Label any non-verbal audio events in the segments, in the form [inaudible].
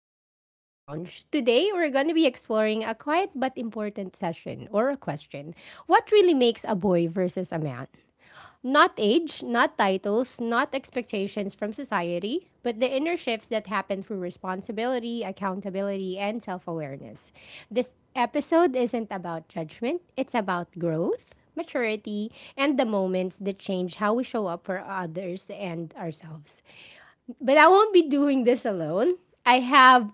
back to Echo Lounge. Today, we're going to be exploring a quiet but important session or a question. What really makes a boy versus a man? Not age, not titles, not expectations from society, but the inner shifts that happen through responsibility, accountability, and self awareness. This episode isn't about judgment, it's about growth, maturity, and the moments that change how we show up for others and ourselves. But I won't be doing this alone. I have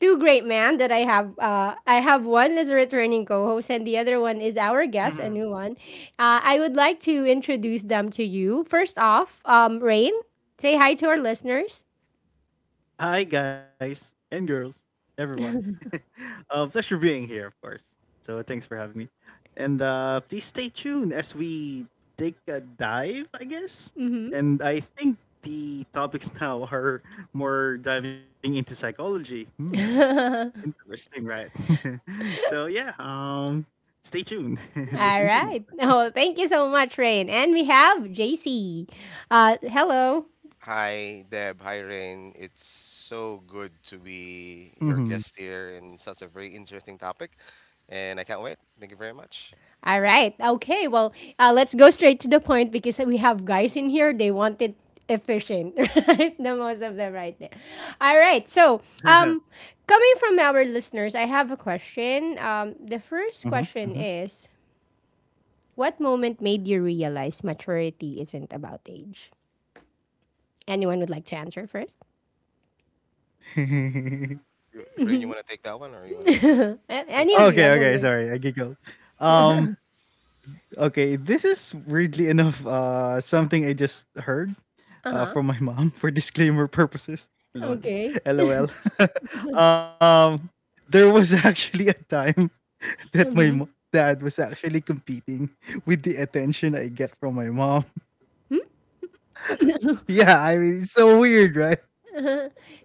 two great men that I have. I have one as a returning co-host, and the other one is our guest, a new one. Mhm. I would like to introduce them to you. First off, Rain, say hi to our listeners. Hi, guys and girls, everyone. [laughs] Pleasure being here, of course. So thanks for having me, and please stay tuned as we take a dive, I guess. Mm-hmm. And I think the topics [laughs] now are more diving into psychology. Hmm, interesting, right? [laughs] so yeah, um, stay tuned. [laughs] All Listen for right. more. [laughs] Oh, thank you so much, Rain. And we have JC. Hello. Hi, Deb. Hi, Rain. It's so good to be your Mm-hmm. guest here in such a very interesting topic, and I can't wait. Thank you very much. All right. Okay. Well, let's go straight to the point because we have guys in here. They want it efficient, [laughs] right? The most of them right there. All right. [laughs] Um, Coming from our listeners, I have a question. The first question Mm-hmm. [laughs] is: what moment made you realize maturity isn't about age? Anyone would like to answer first? Mm-hmm. You, Rain, you want to take that one, or you want to? [laughs] Any of you? okay, I'm okay, okay. sorry, I giggled. Okay. Um [laughs] Okay, this is weirdly enough something I just heard uh huh. from my [laughs] mom for disclaimer purposes. Lol. Okay. LOL. [laughs] um there was actually a time [laughs] that my Mm-hmm. Dad was actually competing with the attention I get from my mom. [laughs] [laughs] Yeah, I mean, it's so weird, right?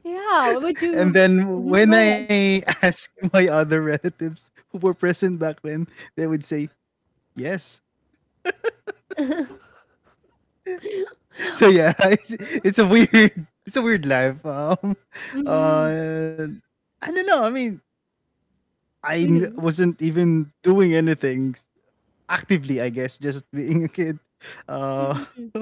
Yeah. What would And you? then Mhm. when Go I [laughs] asked my other relatives who were present back then, they would say, "Yes, ahead. [laughs] so yeah," [laughs] it's a weird, it's a weird life. Mm, uh, I don't know. I mean, I mhm, wasn't even doing anything actively. I guess just being a kid. Uh, mm. [laughs]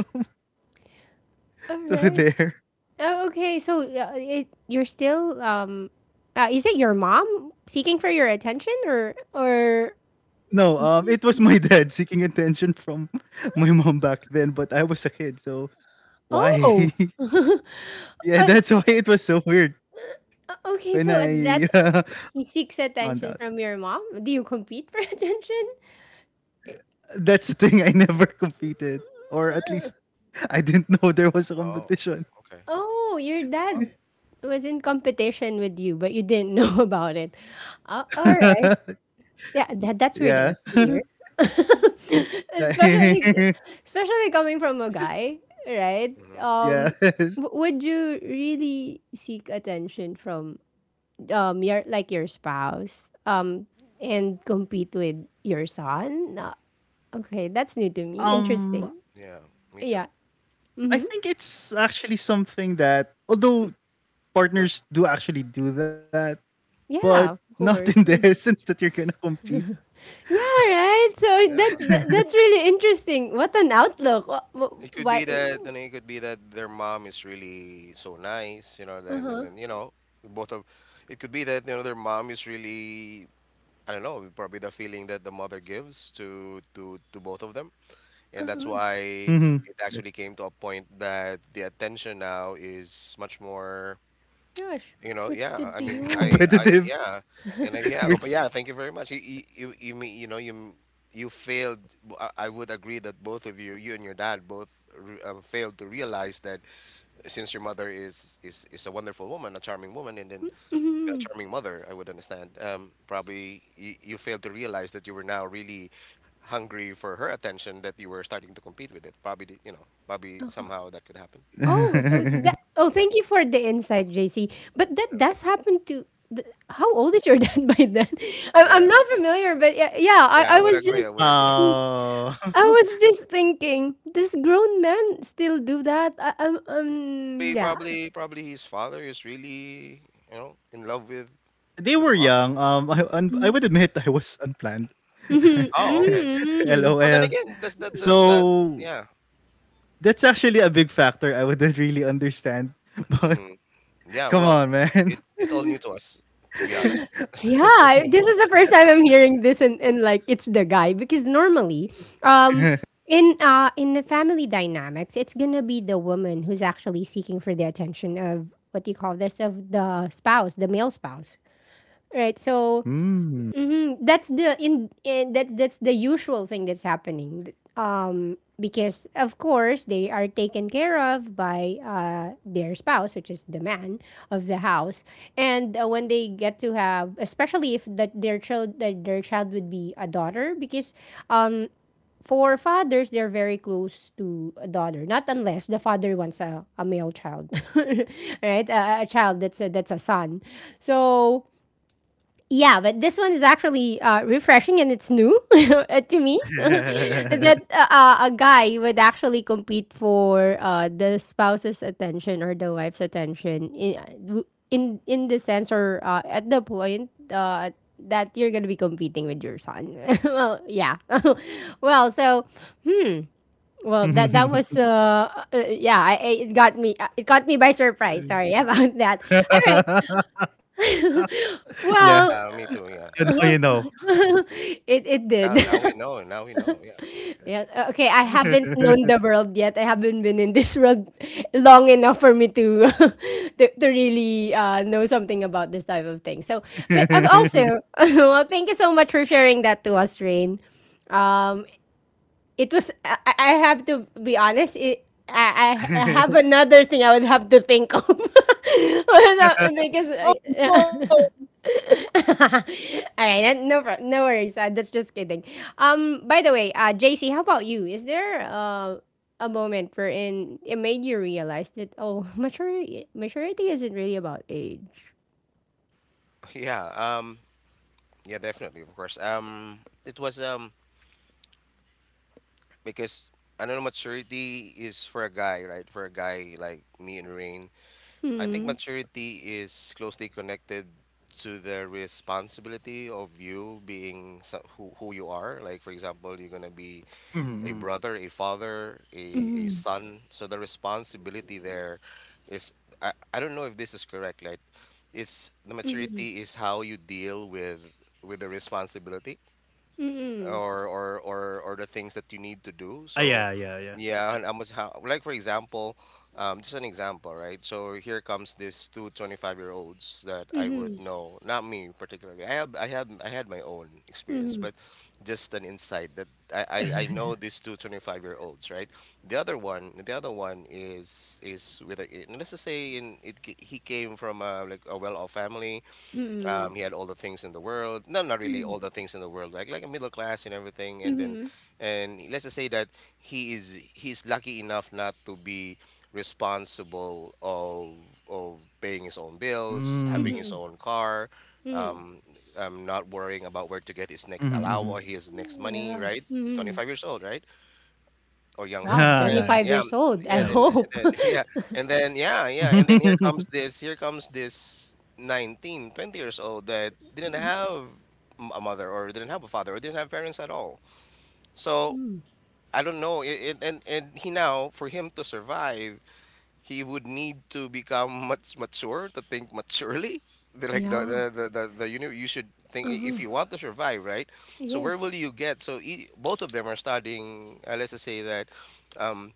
so Alright. there. Oh, okay, so, yeah, it you're still, is it your mom seeking for your attention, or No, it was Y my [laughs] y dad seeking attention from [laughs] my mom back then, but I was a kid, so oh? why? [laughs] [laughs] Yeah, s that's why s it was so weird when okay, so I [laughs] at that he seeks found out. attention from your mom? Do you compete for [laughs] attention? That's the thing. I never competed, or at Uh, least I didn't [laughs] know there was a Oh, competition. okay. oh, your Well, dad was in competition with you, but you didn't know [laughs] about it. Ah, alright. [laughs] Yeah, that's weird Yeah. enough to hear. [laughs] especially [laughs] Especially coming from a guy, right? mm-hmm. Yes. Would you really seek attention from your, like, your spouse, and compete with your son? No. Okay, that's new to me. Um, Interesting. Yeah, me Yeah. too. I Mhm. think it's actually something that, although What? partners do actually do that, but Hmm. Yeah, of not in the [laughs] course. essence that you're gonna compete. Yeah, right. So Yeah. Yeah. [laughs] that's really interesting. What an outlook. It could Why? be that, I mean, it could be that their mom is really so nice. Uh Then and huh. then you know, both of, it could be that their mom is really. I don't know, probably the feeling that the mother gives to both of them. And Uh that's huh. why it Mhm. actually came Yes. to a point that the attention now is much more, Yeah, sh you know, yeah. shifted I to mean, [laughs] you. Competitive. yeah, and yeah, [laughs] but yeah, thank you very much. You mean, you know, you, m- you failed. B- I would agree that both of you, you and your dad, both re- failed to realize that since your mother is a wonderful woman, a charming woman, and then a Mhm. charming mother, I would understand. Probably you, you failed to realize that you were now really hungry for her attention that you were starting to compete with it. Probably, the- you know, probably Uh-huh. somehow that could happen. I guess. Oh, so that We're- oh, Yeah, thank you for the insight, JC. But that does happen to how old is your dad [laughs] by then? I'm yeah, not familiar, but yeah, yeah, yeah. I I would was agree. I just would [laughs] agree. mm, I oh. was just [laughs] thinking, does grown men still do that? Probably, Yeah. probably, probably his father is really, you know, in love They with the were mom. young. I I Mm-hmm. would admit [laughs] I was unplanned. Oh, okay. [laughs] Mm-hmm. Oh, then LOL. again, that's that that that. So Yeah. that's actually a big factor I wouldn't really understand. [laughs] But Mhm. Yeah. come Well, on, man. It's all new to us, to be honest. Yeah, this is the first time I'm hearing this, and, like, it's the guy because normally, [laughs] um, in the family dynamics, it's gonna be the woman who's actually seeking for the attention of, what do you call this, of the spouse, the male spouse, right? So Hmm. mm-hmm. That's the usual thing that's happening. Because, of course, they are taken care of by their spouse, which is the man of the house, and when they get to have, especially if that their child that their child would be a daughter, because um, for fathers they're very close to a daughter, not unless the father wants a male child, [laughs] right? A child that's that's a son. So yeah, but this one is actually refreshing, and it's new [laughs] to me [laughs] [laughs] that a guy would actually compete for the spouse's attention or the wife's attention in the sense, or at the point that you're gonna be competing with your son. [laughs] Well, yeah. [laughs] Well, so well, that that was yeah, it got me by surprise. Sorry [laughs] about that. All right. Yeah. Well, Yeah, me You too. know, Yeah. you know. [laughs] it Oh, now did. now [laughs] we know. Now we know. Yeah, that's good. Yeah. Okay, I [laughs] haven't known the world yet. I haven't been in this world [laughs] long enough for me to [laughs] to really know something about this type of thing. So, but I've also [laughs] well, thank you so much for sharing that to us, Rain. Um, it was I have to be honest. It, I have another thing I would have to think of [laughs] because because Oh I, yeah. no. [laughs] All right, no, no worries. That's just kidding. By the way, JC, how about you? Is there a moment wherein it made you realize that, oh, [laughs] maturity isn't really about age? [laughs] Yeah. Yeah. Definitely. Of course. It was because I don't know maturity is for a guy, right? For a guy like me and Rain, I think Hmm. maturity is closely connected to the responsibility of you being so, who you are. Like for example, you're gonna be Mm-hmm. Mm-hmm. a brother, a father, a Mm-hmm. son. So the responsibility there is, I don't know if this is correct. Like, it's the Mm-hmm. maturity is how you deal with the responsibility or the things that you need to do. Ah, yeah, So yeah, yeah. yeah, Yeah. and I must ha like for example, just an example, right? So here comes these two 25-year-olds that I Mm-hmm. would know, not me particularly. I have I had my own experience, Mm-hmm. but just an insight that I I know these two 25-year-olds, right? The other one is with a, let's just say in it ca- he came from a like a well-off family, Mm-hmm. He had all the things in the world. No, not really Mm-hmm. all the things in the world, like a middle class and everything. And then, Mm-hmm. and let's just say that he's lucky enough not to be responsible of paying his own bills, having Mm. his Mm-hmm. own car, Mm-hmm. um, not worrying about where to get his Mm-hmm, next mm-hmm. allow or his next money. Yeah. Right, twenty Mm-hmm. five years old, right? [laughs] Or younger. Ah, Wow, And nice. 25 yeah, m- years old. I yeah, Nice, then, nice. hope. and then [laughs] yeah, and [laughs] then [laughs] yeah, yeah, and then Mhm, here comes this 19, 20 years old that didn't have m- a mother or didn't have a father or didn't have parents at all. So I don't know. And he now for him to survive, he would need to become [laughs] much mature to think maturely. [laughs] The, Yeah. You know you should think I- if Uh-huh. you want to survive, right? So where will Yes. you get? So e both of them are studying. Let's just say that. Um,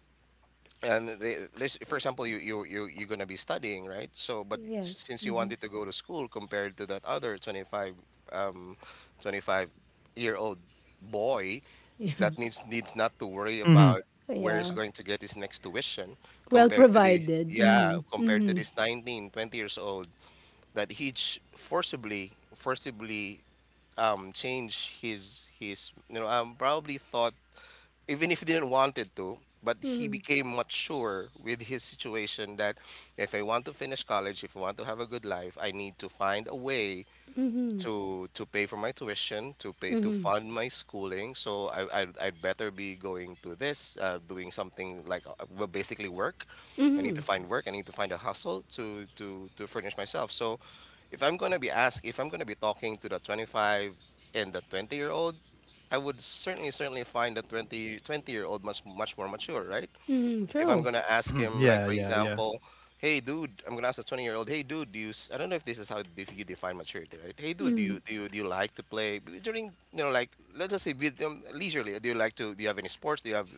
and they, this for example you're going to be studying, right? So but Yes. s- since you Mm-hmm. wanted to go to school compared to that other 25 um 25-year-old boy [laughs] that needs not to worry about mhm. where he's Yeah. going to get his next tuition Well compared to the provided. yeah Mhm. compared to Mhm. this 19, 20 years old that he's forcibly change his you know probably thought even if he didn't wanted to but he Mhm. became mature with his situation that if I want to finish college, if I want to have a good life, I need to find a way to pay for my tuition, to pay to fund my schooling. So I I'd better be going to this, doing something like well, basically work. I need to Mhm. find work. I need to find a hustle to furnish myself. So if I'm gonna be asked, if I'm gonna be talking to the 25 and the 20-year-old, I would certainly find the 20, 20 year old much more mature, right? Mhm. If I'm True. gonna ask Mhm. him, like Yeah, for yeah, yeah. example, hey dude, I'm gonna ask a 20-year-old, hey dude, do you? S- I don't know if this is how if you define maturity, right? Hey dude, Mhm. Do you like to play b- during you know like let's just say with leisurely? Do you like to? Do you have any sports? Do you have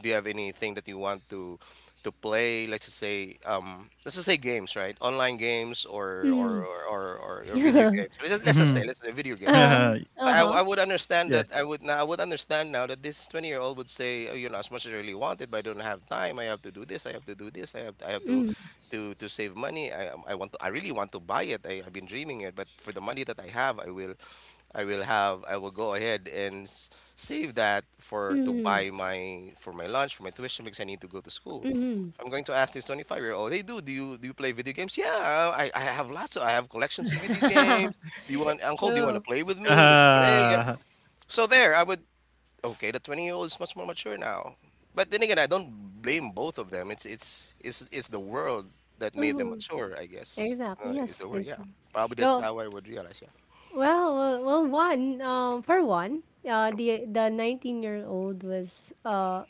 anything that you want to play? Let's just say games, right? Online games or or Mhm. or or, or, or video [laughs] games. Mhm. Let's say video games, right? uh, So uh-huh. I would Yes, yes. understand that I would now I would understand now that this 20-year-old would say "Oh, you know as much as I really want it but I don't have time I have to do this I have to do this I have to Mhm. To save money I want to I really want to buy it I've been dreaming it but for the money that I have I will have I will go ahead and s- save that for to Mhm. buy my for my lunch for my tuition because I need to go to school." Mhm. I'm going to ask this 25-year-old, hey dude, do you play video games? Yeah, I have lots of I have collections of video games. [laughs] Do you want uncle, do you want to True. play with me? Let's play. Yeah. Uh, So there, I would okay, the 20-year-old is much more mature now. But then again, I don't blame both of them. It's it's the world that made them Mhm. mature, I guess. Exactly. Is Yes. the word, It's yeah. Probably that's yo, how I would realize, yeah. well, well, well, one, for one, the 19-year-old was uh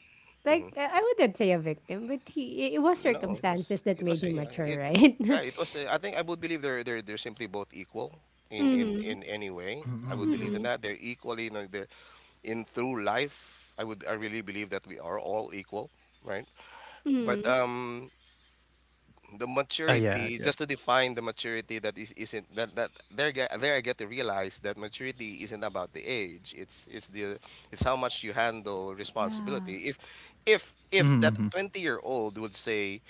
like I I wouldn't say a victim, but he it was No, circumstances that it was made him mature, right? yeah it [laughs] was. Uh, I think I would believe they're they're simply both equal in Mm-hmm. in Mhm, any way. mhm, mhm. I would believe in Mm-hmm. that they're equally you know, the in through life. I really believe that we are all equal, right? But Mm-hmm. The Yeah, maturity yeah. just to define the maturity that is isn't that that there get there I get to realize that maturity isn't about the age it's the it's how much you handle Yeah. responsibility if Mhm, that mhm. 20-year-old would say,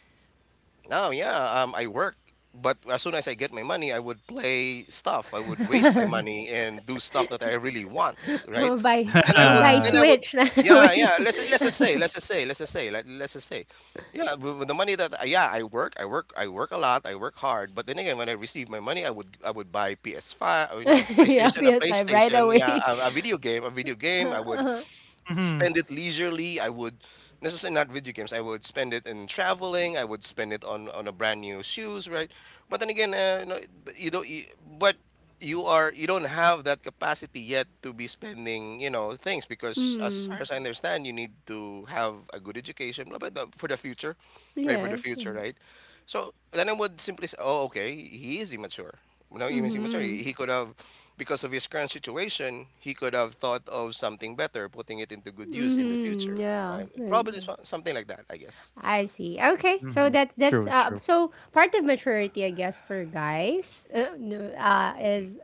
"Oh yeah, I work, but as soon as I get my money, I would play stuff. I would [laughs] waste my I'm money and do stuff that I really want, right?" I'm gonna buy then I would, Switch [laughs] right yeah, away. yeah. Let's [laughs] just say, let's just say, let's just say, like, let's just say, yeah. With the money that, yeah, I work a lot, I work hard. But then again, when I receive my money, I would buy PS Five, you know, Yeah, a ps like right PlayStation, yeah, away. [laughs] A video game, Uh-huh. spend Mhm, it leisurely. I would necessarily not video games. I would spend it in traveling. I would spend it on a brand new shoes, right? But then again, you know, but you don't. You, but you are you don't have that capacity yet to be spending you know things because as Mm. far as I understand, you need to have a good education, blah, blah, blah, for the future, right? For the Yes. future, right? So then I would simply say, oh, okay, he is immature. You know, he is immature. Mhm. He could have because of his current situation, he could have thought of something better, putting it into good use in the Mhm. future, Yeah. right? Probably Mm. so- something like that, I guess. I see. Okay. So mhm. [laughs] that's True, true. Part of maturity, I guess, for guys, no, is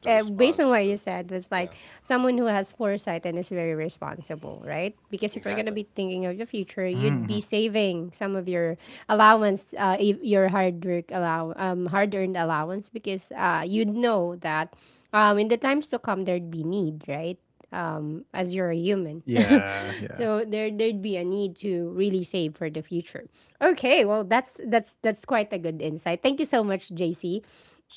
The based on what you responsibility. said, was Yeah, like someone who has foresight and is very responsible, right? Because if you're gonna exactly. be thinking of the Mhm, future, mhm. you'd be saving some of your allowance, your hard work allow, hard earned allowance, because you'd know that in the times to come there'd be need, right? As you're a human. Yeah, yeah. [laughs] So there there'd be a need to really save for the future. Okay, well, that's quite a good insight. Thank you so much, JC.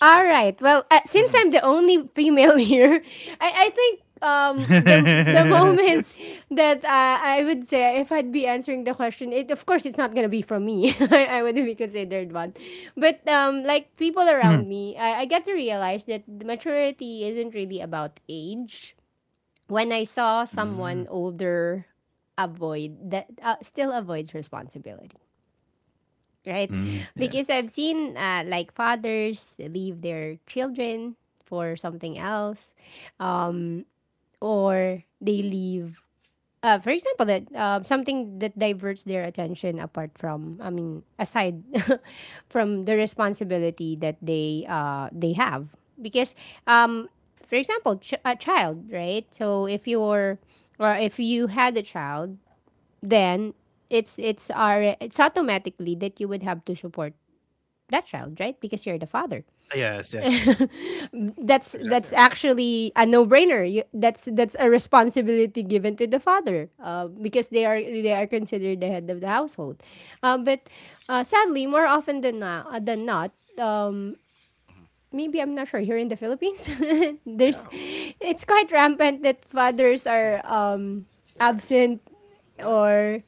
All Thank you. right. Well, Mhm. since I'm the only female [laughs] here, I think the moment that I would say, if I'd be answering the question, it of course it's not gonna be from me. [laughs] I wouldn't be considered one, but like people Mhm. around me, I get to realize that the maturity isn't really about age when I saw Mm, someone older avoid that still avoids responsibility, right? mm, [laughs] yeah. Because I've seen like fathers leave their children for something else, um, or they leave for example, that something that diverts their attention apart from, I mean, aside [laughs] from the responsibility that they have, because, um, for example, a child, right? So if you're, or if you had a child, then it's automatically that you would have to support that child, right? Because you're the father. Yes, [laughs] yes, yes. That's Exactly. actually a no-brainer. You, That's a responsibility given to the father because they are considered the head of the household. But Sadly, more often than not, um, maybe, I'm not sure, here in the Philippines, [laughs] there's Yeah, it's quite rampant that fathers Mm. are Yeah, exactly. absent, Yeah, or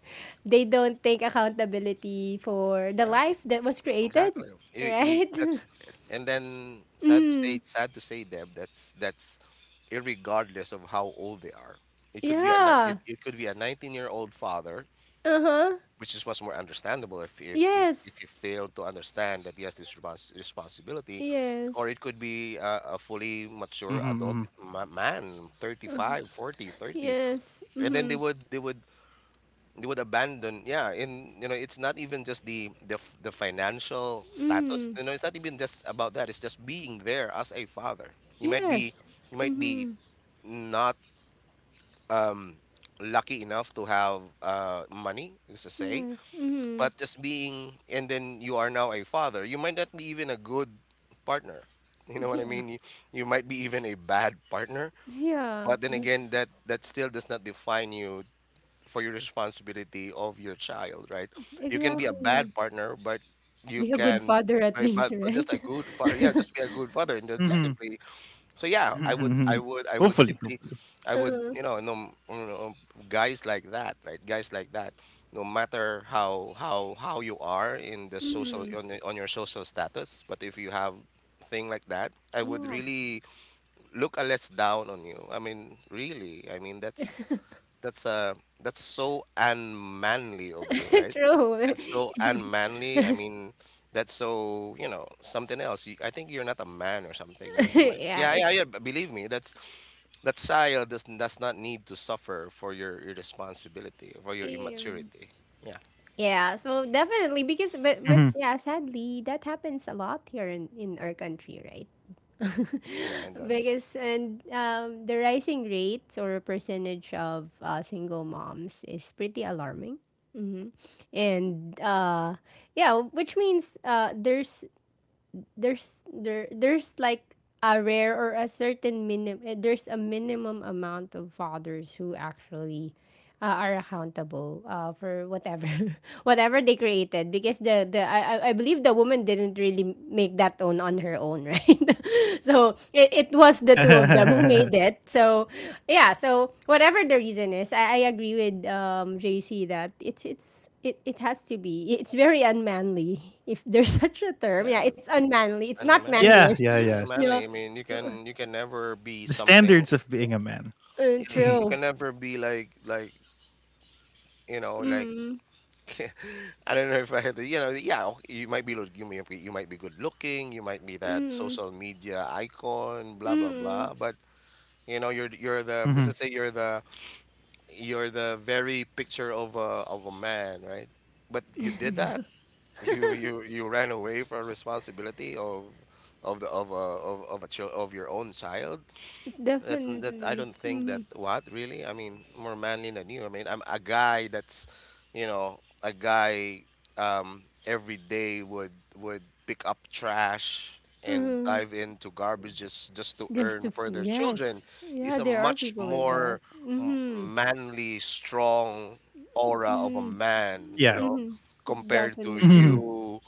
they don't take accountability for the yeah, life that was created, exactly. I- right? that's, and then [laughs] Mm, sad to say, Deb, that's irregardless of how old they are. It could be a ni- it, yeah. it could be a 19-year-old year old father, Uh huh. which is much more understandable if if if, Yes. if you fail to understand that, yes, this responsibility. Or Yes. it could be a fully mature Mhm, adult mhm. Man, 35, 40, 30, Yes. Mm and then hmm. they would abandon, yeah. in you know It's not even just the financial Mm status, hmm. you know, it's not even just about that. It's just being there as a father. You might be, Yes. you Mm might be hmm. not um lucky enough to have money, let's just say. Yes. Mm hmm. But just being, and then you are now a father, you might not be even a good partner, you know what I Yeah. mean you might be even a bad partner. Yeah. But then But again, that still does not define you for your responsibility of your child, right? You can be a exactly. bad partner, but you Be a good can father at least, but right? just a good father. Yeah, [laughs] just be a good father and just Mhm, simply. So mhm, yeah, mhm. [laughs] Hopefully, I hopefully. would simply, I would, Uh, no, guys like that, right? Guys like that, no matter how you are in the social mm, on the, on your social status, but if you have thing like that, I would yeah. really look a less down on you. I mean, really. I mean, that's that's so unmanly of you, [laughs] right? True. That's so [laughs] unmanly. I mean, that's so, you know, something else. You, I think you're not a man or something. You might Yeah, Yeah, it yeah, yeah, but believe me, that's, that child does not need to suffer for your irresponsibility, for your um, immaturity. Yeah. yeah, so definitely, because, but Mhm. but yeah, sadly that happens a lot here in our country, right? [laughs] Yeah, it does. Because, and the rising rates or percentage of single moms is pretty alarming. Hmm. And yeah, which means there's there there's like a rare, or a certain minimum, there's a minimum amount of fathers who actually are accountable for whatever [laughs] whatever they created, because the I believe the woman didn't really make that tone on her own, [laughs] right? So it was the two of them who [laughs] made it. So yeah, so whatever the reason is, I agree with JC that it has to be, it's very unmanly, [laughs] if there's such a term. Yeah, I Yeah, mean, it's unmanly, it's not unmanly. manly. Yeah, yeah, [laughs] yes. No Unmanly. I mean, you can never The be something. standards of being a man. You [laughs] true. can never be like, you know, like, Mm, [laughs] I don't know if I had the, you know, yeah, you might be, you may be, you might be good looking, you might be that mm, social media icon, blah blah mm, blah. But you know, let's just Mhm. say you're the very picture of a man, right? But you did that. You ran away from responsibility of the of a of, of a child of your own child. That's that. I definitely. don't think that. Mm. What really? I mean, more manly than you. I mean, I'm a guy that's, you know, a guy every day would pick up trash and Mhm. dive into garbage just to Just to earn f for their children, yes. is Yeah, a there are much people like that. more m- Mhm. manly, strong aura of a Mhm. man, you Yeah. know, Mhm. compared to Mhm. Definitely. you.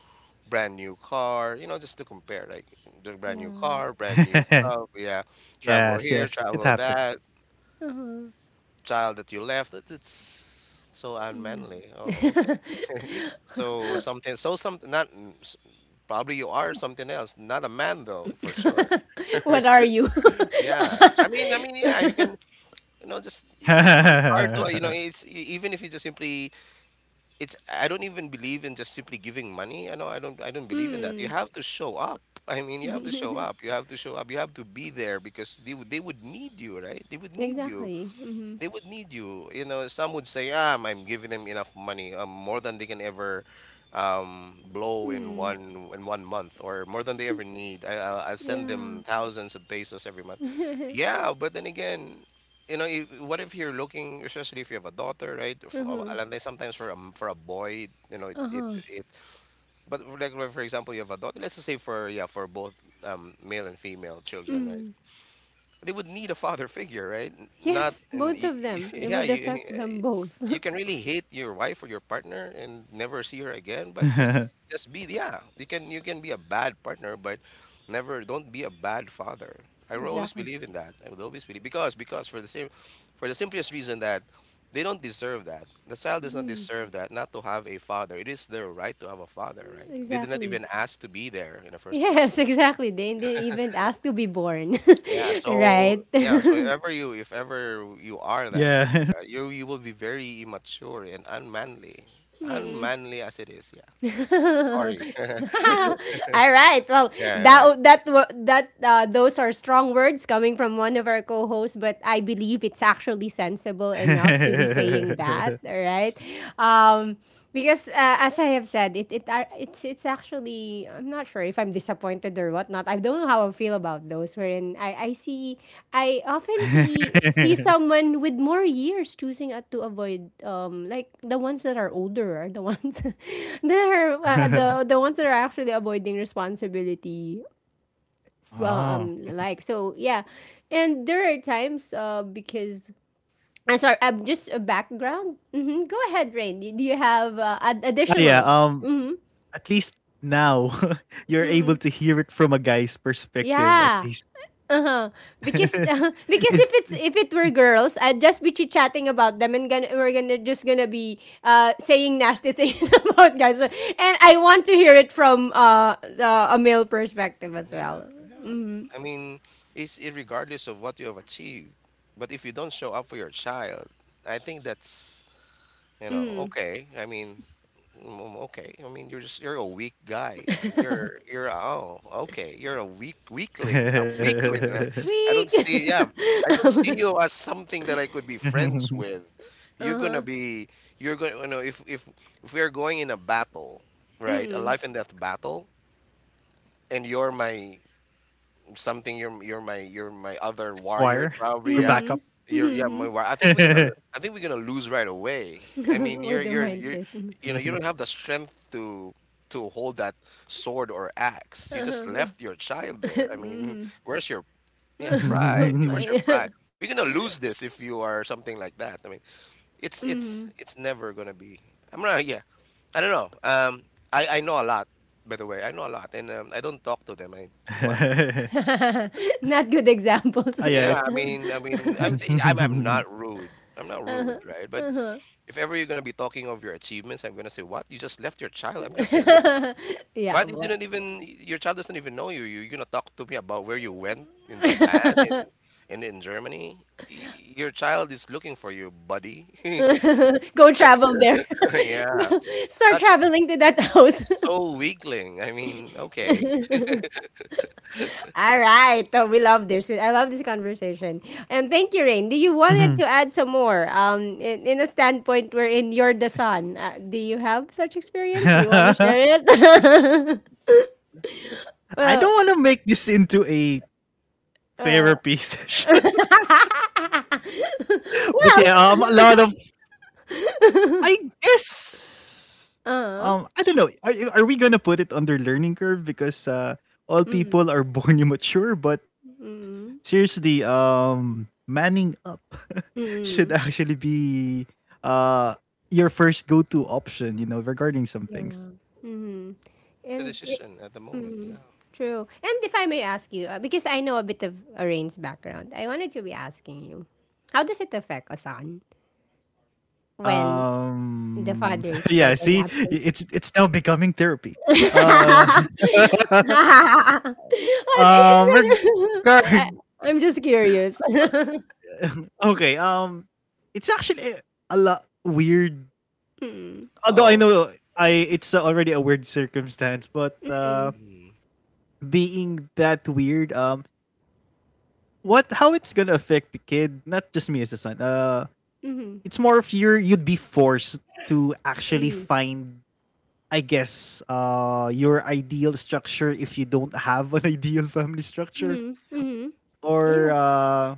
Brand new car, you know, just to compare, like the brand new Yeah. car, brand new [laughs] stuff. Yeah, Yes, travel yes, here, it travel happened. that, Uh-huh. child that you left. It's so unmanly. Oh, okay. So something, not probably you are something else, not a man though, for sure. [laughs] What are you? Yeah, I mean, yeah, you can, you know, just it's hard to, you know, [laughs] it's even if you just simply, it's, I don't even believe in just simply giving money. I know, I don't believe in that. You Mm. have to show up. I mean, you have to show [laughs] up. You have to show up. You have to be there because they would need you, right? They would need you Exactly. Mhm. they would need you. You know, some would say, "Ah, I'm giving them enough money, more than they can ever blow in Mm. One month, or more than they ever need. I'll send Yeah. them thousands of pesos every month." [laughs] Yeah, but then again, you know, if, what if you're looking, especially if you have a daughter, right? Uh-huh. Alam tayo, sometimes for for a boy, you know, Uh-huh. it, but for like for example, you have a daughter. Let's just say for yeah, for both male and female children, right? Mm. They would need a father figure, right? Not, Yes, and both of [laughs] them. It yeah, would you affect them both. you can [laughs] really hate your wife or your partner and never see her again, but just be, yeah, you can be a bad partner, but never, don't be a bad father. I will always Exactly. believe in that. I would always believe, because for the same, for the simplest reason that they don't deserve that. The child does not Mhm. deserve that, not to have a father. It is their right to have a father, right? They did not even Exactly. ask to be there in the first place. Yes, [laughs] exactly. They didn't even ask to be born. [laughs] Yeah, so Right? yeah, [laughs] if ever you are that, Yeah. right, you will be very immature and unmanly. Unmanly as it is, yeah. [laughs] All Sorry. [laughs] right. Well, Yeah, right. that that wa- that those are strong words coming from one of our co-hosts, but I believe it's actually sensible enough to be saying that. [laughs] All right. Um, because as I have said, it are it's actually, I'm not sure if I'm disappointed or whatnot. I don't know how I feel about those. Wherein I see, I often see someone with more years choosing to avoid like the ones that are older are the ones [laughs] that are the ones that are actually avoiding responsibility from Oh. like so yeah, and there are times because. I'm sorry. I'm just a background. Go ahead, Rain. Do you have additional? Yeah, um, Mm-hmm. at least now [laughs] you're able to hear it from a guy's Yeah. perspective at least. Uh-huh. Because [laughs] [laughs] because It's if it were girls, I'd just be chit chatting about them and we're gonna be saying nasty things [laughs] about guys. And I want to hear it from a male perspective as Yeah, well. yeah. I mean, it's regardless of what you have achieved, but if you don't show up for your child, I think that's, you know, Mm. okay. I mean, okay, I mean, you're just, you're a weak guy. I mean, you're [laughs] you're oh, okay, you're a weak weakling, a weakling. Right? [laughs] I don't Weak. see, yeah, [laughs] I don't Uh-huh. see you as something that I could be friends with. You're gonna be, you know, if we are going in a battle, right, a Mm. life and death battle, and you're my something, you're my you're my other Choir warrior, or probably. backup. Yeah, Mm. you're, yeah, Mm-hmm. my I think [laughs] I think we're gonna lose right away. [laughs] I mean, With the you, mindset. you know, you Yeah. don't have the strength to hold that sword or axe. You just Uh-huh. left your [laughs] child there. I mean, Mm-hmm. where's your, yeah, [laughs] pride. [laughs] Yeah, where's your pride? We're gonna lose this if you are something like that. I mean, it's Mm-hmm. it's it's never gonna be. I'm not, yeah, I don't know, I know a lot, by the way. I know a lot, and I don't talk to them, I. [laughs] Not good Ah yeah, examples. it's Yeah, I mean, I [laughs] mean, I, [laughs] I'm not rude. I'm not Uh-huh. rude, right? [laughs] But if ever you're gonna be talking of your achievements, I'm gonna say, "What? You just left your child?" I'm gonna say that. Yeah, What? You well. didn't even, your child doesn't even know you. You're gonna talk to me about where you went in Japan and [laughs] in Germany. Your child is looking for you, buddy. [laughs] Go travel there. Yeah, [laughs] Start such, traveling to that house. so weakling. I mean, okay, [laughs] All right. Oh, we love this. I love this conversation. And thank you, Rain. Do you Mhm. wanted to add some more? In a standpoint wherein you're the son, do you have such experience? Do you want to share [laughs] it? [laughs] Well, I don't want to make this into a uh, therapy [laughs] session. [laughs] But well, yeah, a lot of [laughs] I guess uh-huh. I don't know. Are we gonna put it under learning curve because Mm, all people are [laughs] born immature? But mm, seriously, manning up [laughs] mm. should actually be uh your first go-to option. You know, regarding some Yeah. things. Mm. it is a And it, decision at the moment. mm, Yeah. true. And if I may ask you, because I know a bit of Arain's background, I wanted to be asking you, how does it affect a son when the father [laughs] is yeah. quite an See, absent? It's now becoming therapy. Uh, [laughs] Well, [laughs] it- it's- regard [laughs] I- I'm just curious. [laughs] [laughs] Okay, um, it's actually a lot weird. Mm, Although I Oh, know I it's already a weird circumstance, but mm, being that weird, um, what, how it's going to affect the kid, not just me as a son. Uh, mhm, it's more of your, you'd be forced to mm. actually find, I guess your ideal structure if you don't have an [laughs] ideal family Mhm, structure mhm. or Yes.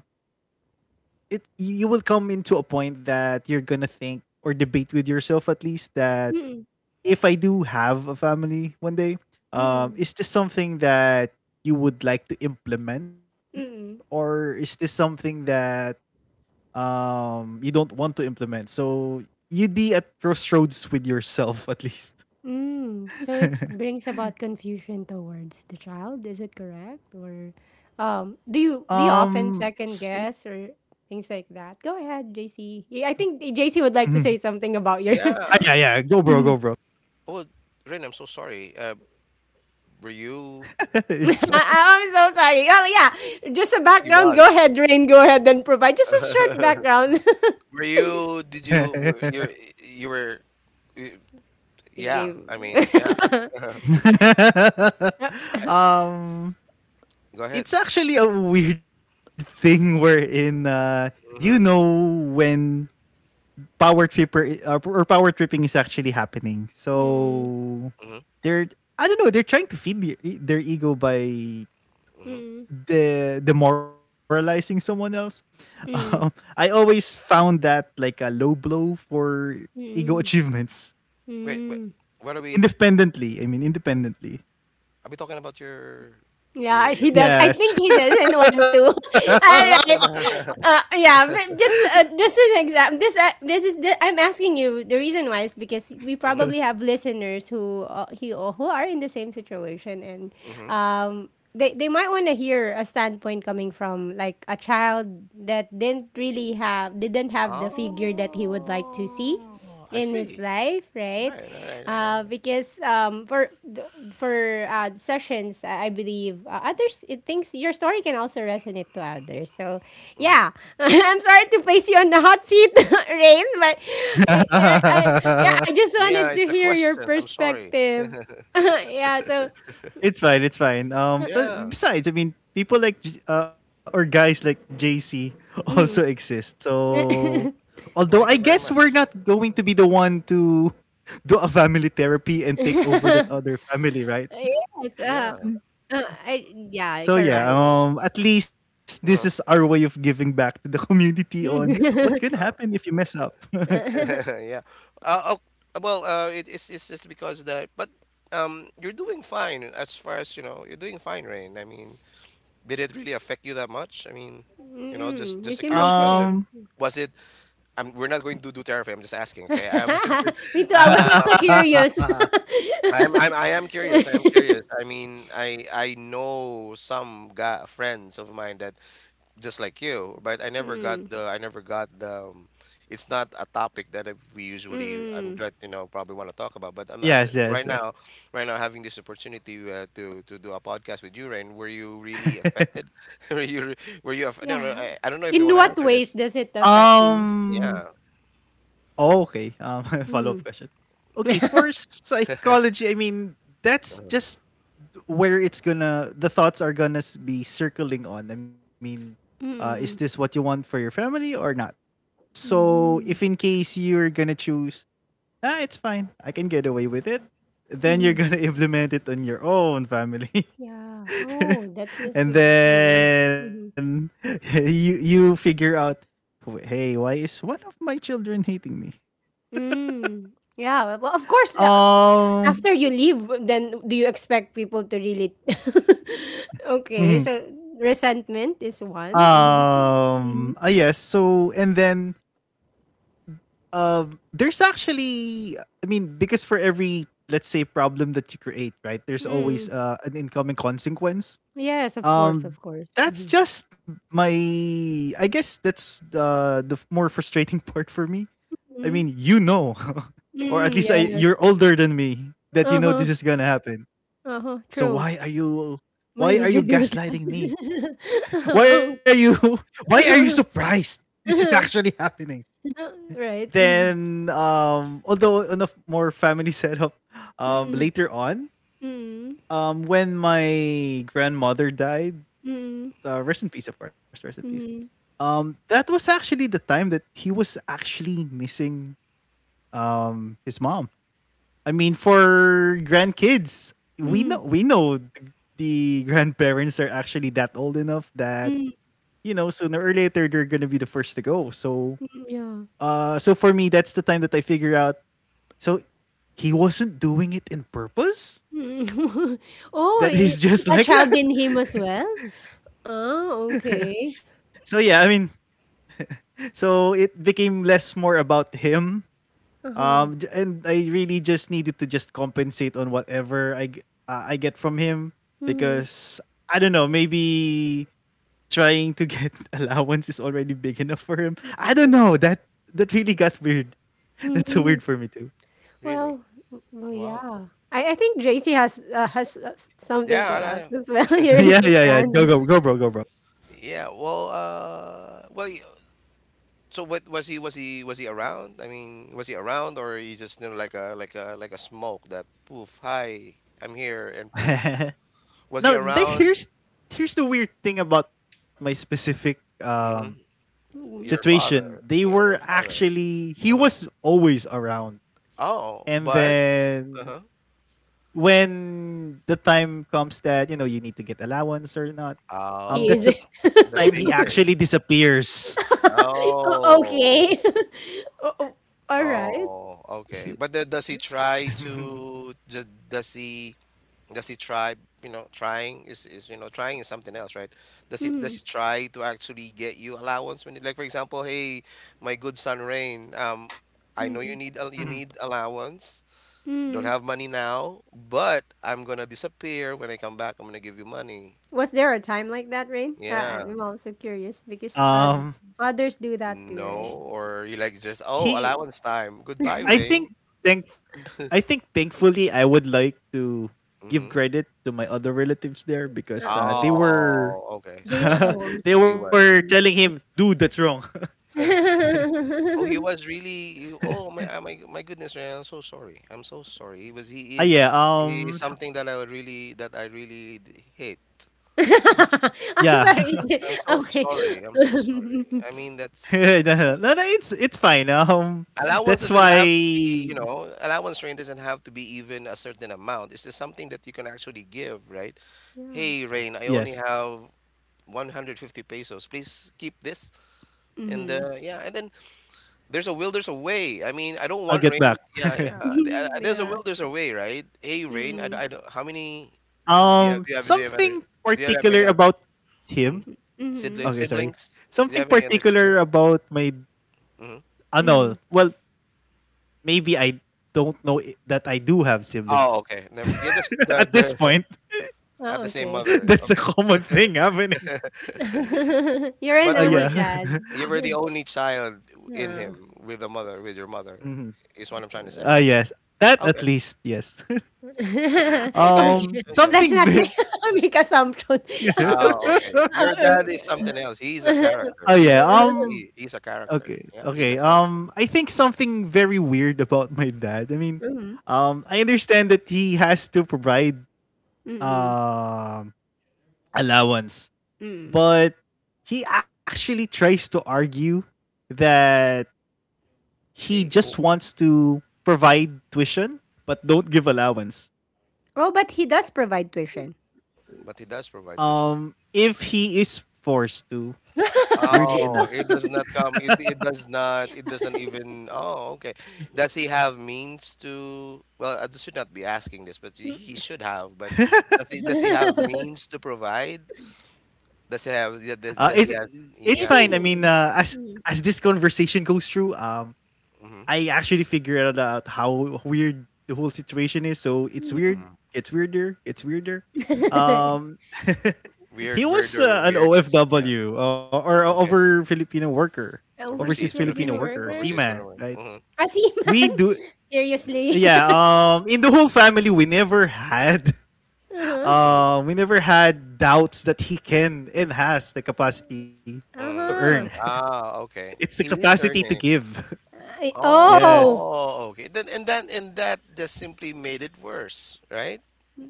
it, you will come into a point that you're gonna think or debate with yourself at least that Mm, if I do have a family one day, mm, is this something that you would like to implement, mm, or is this something that um, you don't want to implement? So you'd be at crossroads with yourself at least. mm. So it [laughs] brings about confusion towards the child, is it correct? Or do you um, often it's it- second guess or things like that? Go ahead, JC. Yeah, I think JC would Mhm. like to say something about your. [laughs] Ah, yeah, yeah. yeah, go bro, go bro. Mm. Oh, Rin, I'm so sorry. Were you? [laughs] [laughs] It's fine. I am so sorry. Oh yeah, just a He background. was. Go ahead, Rain. Go ahead and provide just a short [laughs] background. [laughs] Were you, did you, were you're, you were, y- You yeah, I mean, yeah. gave. [laughs] [laughs] [laughs] I, [laughs] Um, go ahead. it's actually a weird [laughs] thing wherein you hmm know, when power tripper or power tripping is actually happening. Mm, So hmm they're I don't know, they're trying to feed their ego by hmm mm, demoralizing someone else. [laughs] Um, I mm, always found that like a low blow for ego mm. achievements Wait, wait, Mm. what independently. I mean, independently. are we talking about Yeah, your, he does. I Yes. think he doesn't want to. [laughs] are we All talking right. about, [laughs] Yeah, but just an example. This is the, I'm asking you. The reason why is because we hmm [laughs] probably have listeners who he who are in the same situation, and hmm they might want to hear a standpoint coming from like a child that didn't have the figure that he would like to see Oh, I in his see. life, right? Right, all right, all right, yeah. Because for th- for sessions, I believe others it thinks your story can also resonate to others. So yeah, Mm-hmm. [laughs] I'm sorry to place you on the hot seat, [laughs] Rain, but yeah, yeah, I just Yeah, wanted it's to the hear your questions. I'm sorry. perspective. [laughs] Yeah, so. It's fine. It's fine. But Yeah. besides, I mean, people like J- or guys like JC [laughs] hmm Mhm. also exist. So, [laughs] although Thank I you very guess we're much. not going to be the one to [laughs] do a family therapy and take Yes. over that other family, Uh, right? Yeah, I, yeah, I correct. So wouldn't. yeah, at least this Uh-huh. is our way of giving back to the [laughs] community on [laughs] what's gonna Uh-huh. happen if you mess up. [laughs] Mm-mm, [laughs] Yeah. Oh, well, it, it's just because that, but you're doing fine as far as you know. You're doing fine, Rain. I mean, did it really affect you that much? I mean, you know, you just a seem curious question. okay. Um, Was it? I'm. We're not going to do therapy. I'm just asking. [laughs] Okay. [laughs] Was it, Me too. I was also um, curious. [laughs] I am curious. I am curious. [laughs] I mean, I know some guy, friends of mine that just like you, but Mm. I never got the it's not a topic that we usually Mm. that, you know, probably want to talk about. But I'm, yes, right yes, yes. now, having this opportunity to do a podcast with you, Rain. Were you really affected? [laughs] Were you no, no, Yeah. I, I don't know if you In want to what answer ways this. does it [laughs] affect you? Mhm. Um, Yeah, oh, okay. [laughs] Follow-up Mm. question. Okay, for psychology, I mean, that's just where the thoughts are gonna be circling on. I mean, is this what Mm. you want for your family or not? So, if in Mm-hmm. case you're gonna choose, ah, it's fine, I can get away with it, then you're Mm-hmm. gonna [laughs] implement it on your own family. [laughs] Yeah. Oh, that's the And thing. Mm. then Mm-hmm. [laughs] you figure out, hey, why is one of my children hating me? Mm. Yeah. Well, well, of course. Uh, Um, after you leave, then do you expect people to really? [laughs] Okay. So Mhm. resentment is one. Mm-hmm. Ah, yes. So, and then there's actually, I mean, because for every, let's say, problem that you create, right, there's always Mm-hmm. An incoming consequence. Yes, of course, of Um, course. Mm-hmm. that's just my, I guess that's the more frustrating [laughs] part for me. I Mm-hmm. mean, you know, [laughs] or at Mm-hmm. least Yes. you're older than me, that you know Uh-huh. this is gonna happen. Uh-huh. So True. Why why are did you you do gaslighting me? that? [laughs] Um, Why are you [laughs] why are you uh-huh. surprised? This is Uh-huh. actually happening. Right. Mm-hmm. Then um, although on a more family [laughs] setup, um, later on, Mm-hmm. um, when my grandmother died, Mm-hmm. Rest in peace, of course, rest in peace. Mm-hmm. Um, that was actually the time that he was actually missing um, his mom. I mean, for grandkids, Mm-hmm. Mm-hmm. We know the grandparents are actually that old enough that Mm-hmm, you know, sooner or later they're gonna be the first to go. So mm-hmm, yeah. For me, that's the time that I figure out. So he wasn't doing it in purpose. Mm-hmm. [laughs] Oh, That I- he's [laughs] is just that like child in that. him as well? Ah, okay. [laughs] So yeah, I mean, so it became less, more about him. Uh-huh. And I really just needed to just compensate on whatever I I get from him Mm-hmm. because I don't know, maybe trying to get [laughs] allowance is already big enough for him. I don't know. That really got weird. [laughs] That's so Mm-hmm. weird for me too. really. Well, w well, Wow. yeah. I think JC has, s something Yeah, to ask as well. [laughs] [laughs] He raised Yeah, his yeah, yeah. Go, hand. go, go, bro, go, bro. yeah. Well, so what was he, was he around? I mean, was he around, or he just, you know, like a smoke that, poof, hi, I'm here, and poof. [laughs] Was he Now, the, around? here's here's the weird thing about my specific um, hmm Mm, Your situation. father. They Yeah, were your father. actually He Uh-huh. was always around, Oh, and but then uh-huh. when the time comes that you know you need to get allowance or not, he is. Oh, um, that's [laughs] the time the he actually basic. disappears. O okay. Oh. [laughs] O o alright. Oh, okay. But the, does he try to just does he does he try, you know, trying is, you know, trying is something else, right? Does Mm, he try to actually get you allowance when, like for example, "Hey, my good son Rain, I know you mm, need you need [laughs] allowance. Don't mm. have money now, but I'm gonna disappear. When I come back, I'm gonna give you money." Was there a time like that, Rain? Yeah. I'm also curious because, um fathers do that too, No, right? or you like just, "Oh, he allowance time. Goodbye, I think Rain." thank I think thankfully I would like to give Mm-hmm. credit to my other relatives there, because Uh-uh. they were Oh, okay. [laughs] So They are that the ones actually they who's he good were to was. telling you. him, dude, that's wrong. [laughs] [laughs] Oh, he [laughs] was really. Oh my, my goodness, Ryan, I'm so sorry. I'm so sorry. He was. He Ah, is. yeah. He is something that I would really. That I really hate. I'm Yeah. sorry. [laughs] I'm so Okay. sorry. I'm so [laughs] sorry. I mean, [laughs] that's... No, no, no, no, it's fine. Allowance That's doesn't have to be, why. Allowance rain doesn't have to be even a certain amount. It's just something that you can actually give, right? Yeah. Hey, Rain, I only Yes, have 150 pesos. Please keep this. And Mhm. Yeah, and then there's a will, there's a way. I I'll mean, I get don't back. want rain. [laughs] Yeah, yeah. Mhm, There's a yeah. will, there's a way, right? Hey, rain. Mm. I don't. How many? How many? Do Um, you have? Do you have something other? Do you have particular any other? about him. Mm-hmm. Mhm. Siblings? Okay, sorry. Siblings? Do you Something have any other particular siblings? about my Mm-hmm. Mm. ano. Well, maybe I don't know I- that I do have Oh, siblings. okay. Never, yeah, just [laughs] the At this the point, [laughs] at Oh, the same okay. [laughs] mother. that's a Okay, common thing happening. [laughs] You're an but you were only Yeah. child. [laughs] you were the only child in Ah. him with the mother with your mother, Mhm. is what I'm trying to say. Yes. That at Okay. least, yes. [laughs] [laughs] Okay. Okay. Okay. Let's something. not make Very. [laughs] make assumption. Oh, [laughs] okay. Your dad is something [laughs] else. He's a character. Oh He's a yeah. character. Mhm. He's a character. Okay. Yeah, he's a Okay. character. Um, I think something very weird about my dad. I mean, um, I understand that he has to provide Mm. um, allowance, Mm. but he actually tries to argue that he I, just oh, wants to provide tuition but don't give allowance. Oh, but he does provide tuition. but he does provide tuition. If he is forced to, [laughs] weirdly enough, Oh, it does not come. It does not. It doesn't even... Oh, okay. Does he have means to? Well, I should not be asking this, but he should have. But does he have Do means to provide? Does he have? Yeah, Does, uh, does he it's has? it's you Yeah, fine. think I he means. mean, Mm. as this conversation goes through, Mm-hmm. I actually figured out how weird the whole situation is. So it's weird. [laughs] Hmm. It's weirder. It's weirder. Mhm. Um, [laughs] he Weird, was weirder, an weirdest. Yeah. OFW or Okay. over Filipino worker, overseas Overseas Overseas Filipino Filipino. Filipino worker, worker? Overseas seaman, Filipino. right? Mm-hmm. We Asiman? do, [laughs] Seriously? [laughs] yeah, um, in the whole family we never had [laughs] Uh-huh. Mm, we never had doubts that he can and has the capacity to earn, Uh-huh. mm. Ah, [laughs] it's the okay. He capacity is to earning. give. I [laughs] Yes, oh! Oh, okay. Then and that just simply made it worse, right?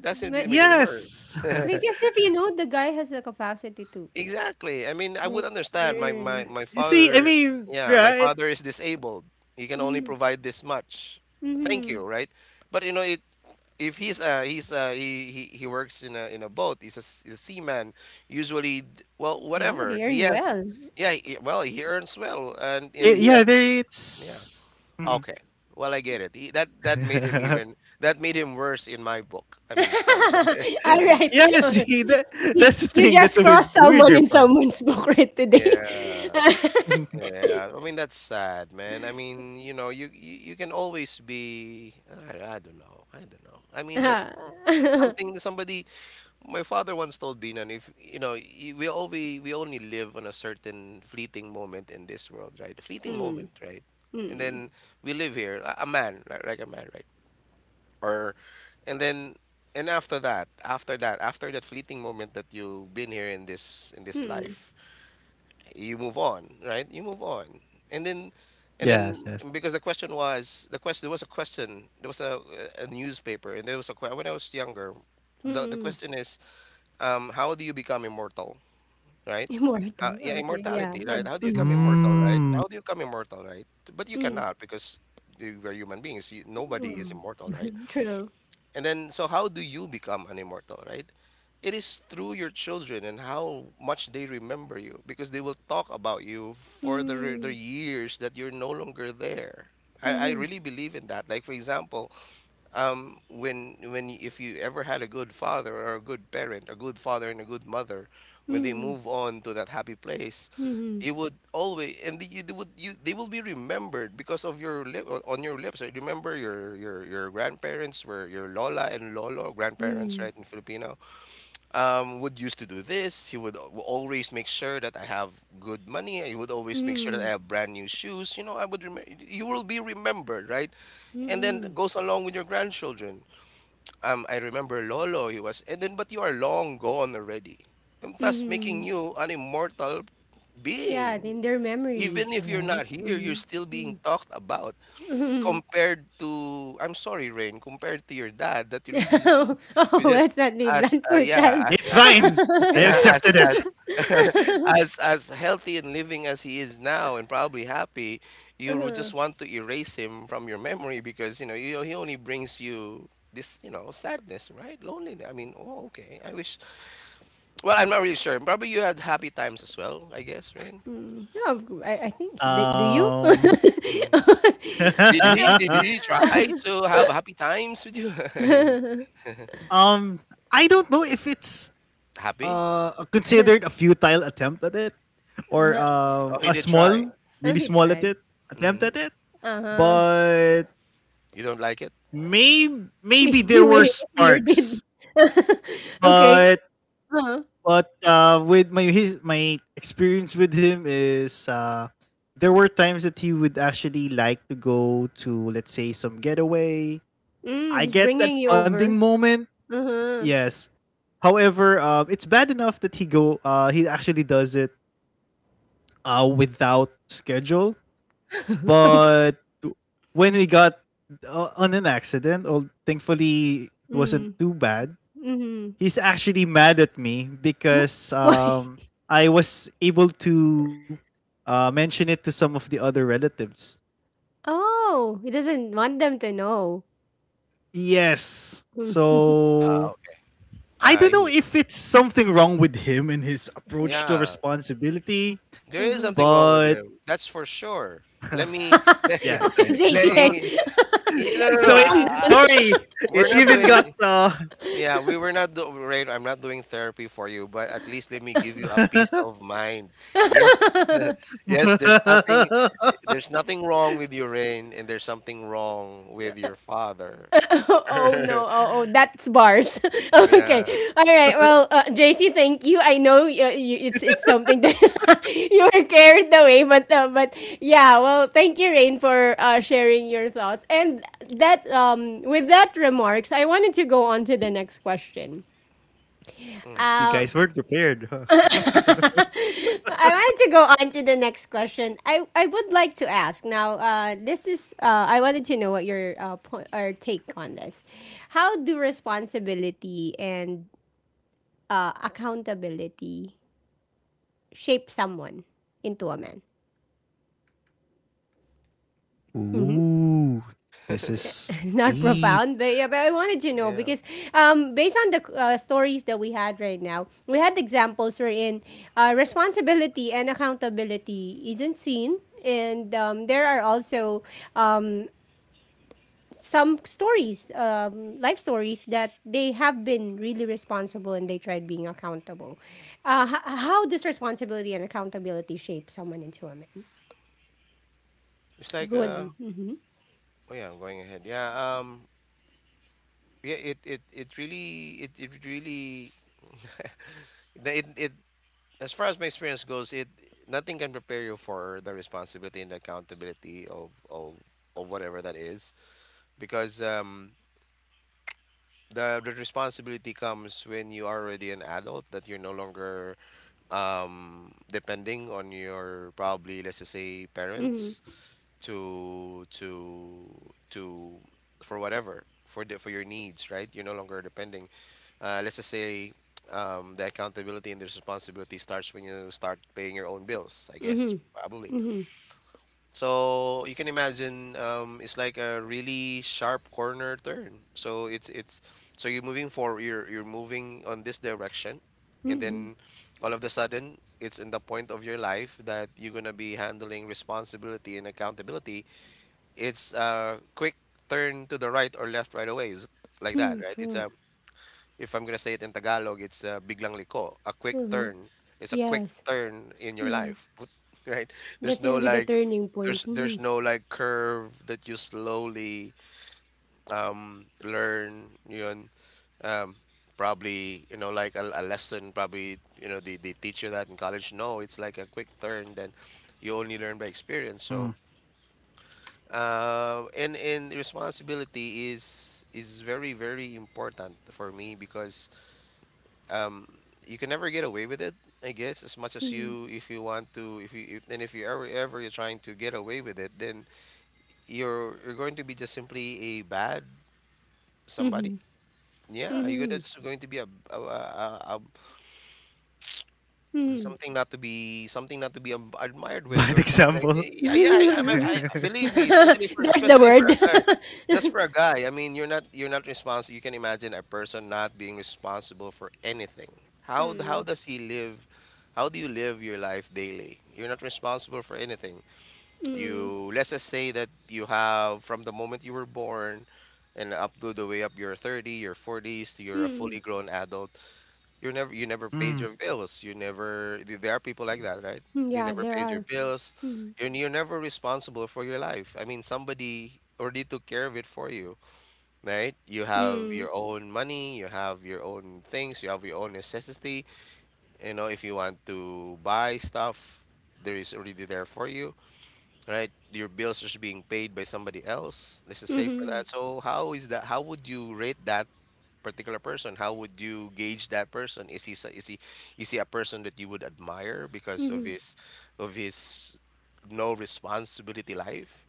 That simply But made it worse. yes. [laughs] [laughs] because if you know the guy has the capacity to, Exactly. I mean, I would like, understand. My my earn. my You see, I father, mean, yeah, my right? father is disabled. He can only Mm, provide this much. Thank mhm. you, right? But you know, it, if he's he's he, he works in a boat, he's a he's a seaman, well, Yeah, whatever they he earn has... well. Yeah, well, he earns well, It- and he yeah, has Mhm. there a... Yeah, it's Mhm. okay, well, I get it, he, that made him [laughs] even, that made him worse in my book, I mean, sorry. [laughs] All right. Yes, Uh, see, that you, that's the you thing, that's just a weird, crossed the someone in weirder part. someone's book right [laughs] today. Yeah, [laughs] [laughs] yeah, I mean, that's sad, man. I mean, you know, you can always be... I don't know, I don't know, I mean, that's Mm, [laughs] something, somebody... My father once told Binan, if you know, we all we only live on a certain fleeting moment in this world, right? A fleeting mm, moment, right? And mm, then we live here, a man, like a man, right? Or, and then, and after that, after that fleeting moment that you've been here in this mm, life, you move on, right? You move on, and then, and Yes, then yes, because the question, there was a newspaper, and there was a when I was younger, the mm. question is, how do you become immortal, right? Immortal. Yeah, Okay, yeah. immortality, right? How do you mm, become immortal, right? mm. How do you become immortal, right? But you mm. cannot, because we're human beings. You, nobody is Oh. immortal, right? [laughs] True. And then, so how do you become an immortal, right? It is through your children and how much they remember you, because they will talk about you for the, the Mm, years that you're no longer there. I mm, really believe in that. Like, for example, when if you ever had a good father or a good parent, a good father and a good mother, when they mm. move on to that happy place, Mhm, you would always, and you they would, you they will be remembered because of your lip, on your lips. Right? Remember your your grandparents, were your lola and lolo, grandparents, mhm, right, in Filipino, would used to do this. He would always make sure that I have good money. He would always make sure that I mhm, have brand new shoes. You know, I would remember. You will be remembered, right? mm, And then mhm. goes along with your grandchildren. I remember Lolo. He was, and then but you are long gone already, and thus making Hmm. you an immortal Yeah, being. in their Even memories, if you're right? not here, you're Mhm, still being mm, talked about, mhm. compared to... I'm sorry, Rain, compared to your dad that you really just want... [laughs] Oh, You just, let's not be as blunt, poor yeah, child. It's as [laughs] fine, I yeah, accepted it. as [laughs] [laughs] as healthy and living as he is now, and probably happy, you would Uh-huh. just want to erase him from your memory, because you know you, he only brings you this, you know, sadness, right, loneliness, I mean. Oh, okay, I wish... Well, I'm not really sure, probably you had happy times as well, I guess, Rain. Mm, yeah, I [laughs] think do you? [laughs] Um, Mhm. did he did [laughs] he try to have happy times with you? [laughs] I mean, Um, I don't know if it's happy... considered a futile attempt at it, or Uh-huh. Oh, he a did try. small, Oh, really he small at tried. it attempt Hmm. at it, Uh huh. but You don't like it? maybe, [laughs] maybe there You were were you did. sparks, [laughs] Okay. but Uh huh. With my experience with him is there were times that he would actually like to go to, let's say, some getaway. Mm, I he's get bringing that you bonding over. moment. Uh-huh. Yes. However, it's bad enough that he go. He actually does it without schedule. [laughs] Okay. But when we got on an accident, oh, thankfully it wasn't Mm, too bad. mhm. He's actually mad at me Wh because why? [laughs] um, I was able to mention it to some of the other relatives. Oh, he doesn't want them to know. Yes. Mm. [laughs] Ah, So okay. I Ah, don't know he- if it's something wrong with him and his approach to yeah. responsibility, There is Uh-huh. something wrong with but him. That's for sure. [laughs] Let me, [laughs] let, [laughs] yeah, so OMG, si let Heng. [laughs] [laughs] me, no, no, no. so Calm it down. sorry, we're it not even doing, got yeah, we were not do, right. I'm not doing therapy for you, but at least let me give you a peace [laughs] of mind. Yes, [laughs] [laughs] yes, there's nothing wrong with your rain, and there's something wrong with your father. [laughs] Oh oh no, [laughs] oh, oh that's bars. [laughs] Okay. Yeah. All right. Well, JC, thank you. I know you, you, it's something that [laughs] you were carried away, but yeah, well, thank you Rain for sharing your thoughts. And that with that remarks, I wanted to go on to the next question. Mm, Uh, you guys weren't [laughs] prepared, huh? I wanted to go on to the next question. I would like to ask now. This is I wanted to know what your point or take on this. How do responsibility and accountability shape someone into a man? Mm-hmm. [laughs] Ooh, this [laughs] Not is profound, but yeah, deep. but I wanted to know yeah. because based on the stories that we had right now, we had examples wherein responsibility and accountability isn't seen, and there are also um, some stories, life stories that they have been really responsible and they tried being accountable. How does responsibility and accountability shape someone into a man? It's Good. like, Would? Mm-hmm, oh yeah, I'm going ahead. Yeah, yeah, it really it really it it, as far as my experience goes, it... nothing can prepare you for the responsibility and accountability of of whatever that is, because um, the responsibility comes when you are already an adult, that you're no longer, um, depending on your, probably, let's just say, parents mm-hmm, to to for whatever, for the, for your needs, right, you're no longer depending. Let's just say, the accountability and the responsibility starts when you start paying your own bills, I guess, mm-hmm, probably. mm-hmm, So you can imagine, it's like a really sharp corner turn. So it's so you're moving forward, you're moving on this direction, and mm-hmm, then all of the sudden it's in the point of your life that you're gonna be handling responsibility and accountability. It's a quick turn to the right or left right away, is like that, hmm, right? It's true. a... if I'm gonna say it in Tagalog, it's biglang liko. A quick Uh huh. turn. It's a quick Yes. turn in your Mhm. life, [laughs] right? There's That's no gonna be the like, turning point. Mhm. there's no like curve that you slowly learn. Yun, um, probably you know like a lesson. Probably you know they teach you that in college. No, it's like a quick turn. Then you only learn by experience. Mm. So and responsibility is very very important for me, because um, you can never get away with it, I guess. As much as Mhm. you, if you want to, if you if, and if you ever ever you're trying to get away with it, then you're going to be just simply a bad somebody. Mhm. Yeah, you're gonna, Mhm. just going to be a Mhm. something not to be, something not to be, admired with, Bad or something like, example. yeah yeah. I, [laughs] believe [laughs] me, especially for, There's the especially for a guy, word. just for a [laughs] guy, I mean, you're not responsible. You can imagine a person not being responsible for anything. How Mm. does he live, how do you live your life daily, you're not responsible for anything. Mm. You, let's just say that you have, from the moment you were born, and up to the way up your 30 your 40s, to you're a fully Mm. grown adult, you're never, you never paid your mm. bills. You never there are people like that, right? Mm, They yeah, never there paid your are. bills. Mm. You're never responsible for your life. I mean, somebody already took care of it for you, right? You have your Mm. own money, you have your own things, you have your own necessity. You know, if you want to buy stuff, there is already there for you, right? Your bills are being paid by somebody else. This is safe for that. Mhm. So how is that? How would you rate that particular person, how would you gauge that person? Is he is he, is he a person that you would admire because of Mhm. his, of his no responsibility life?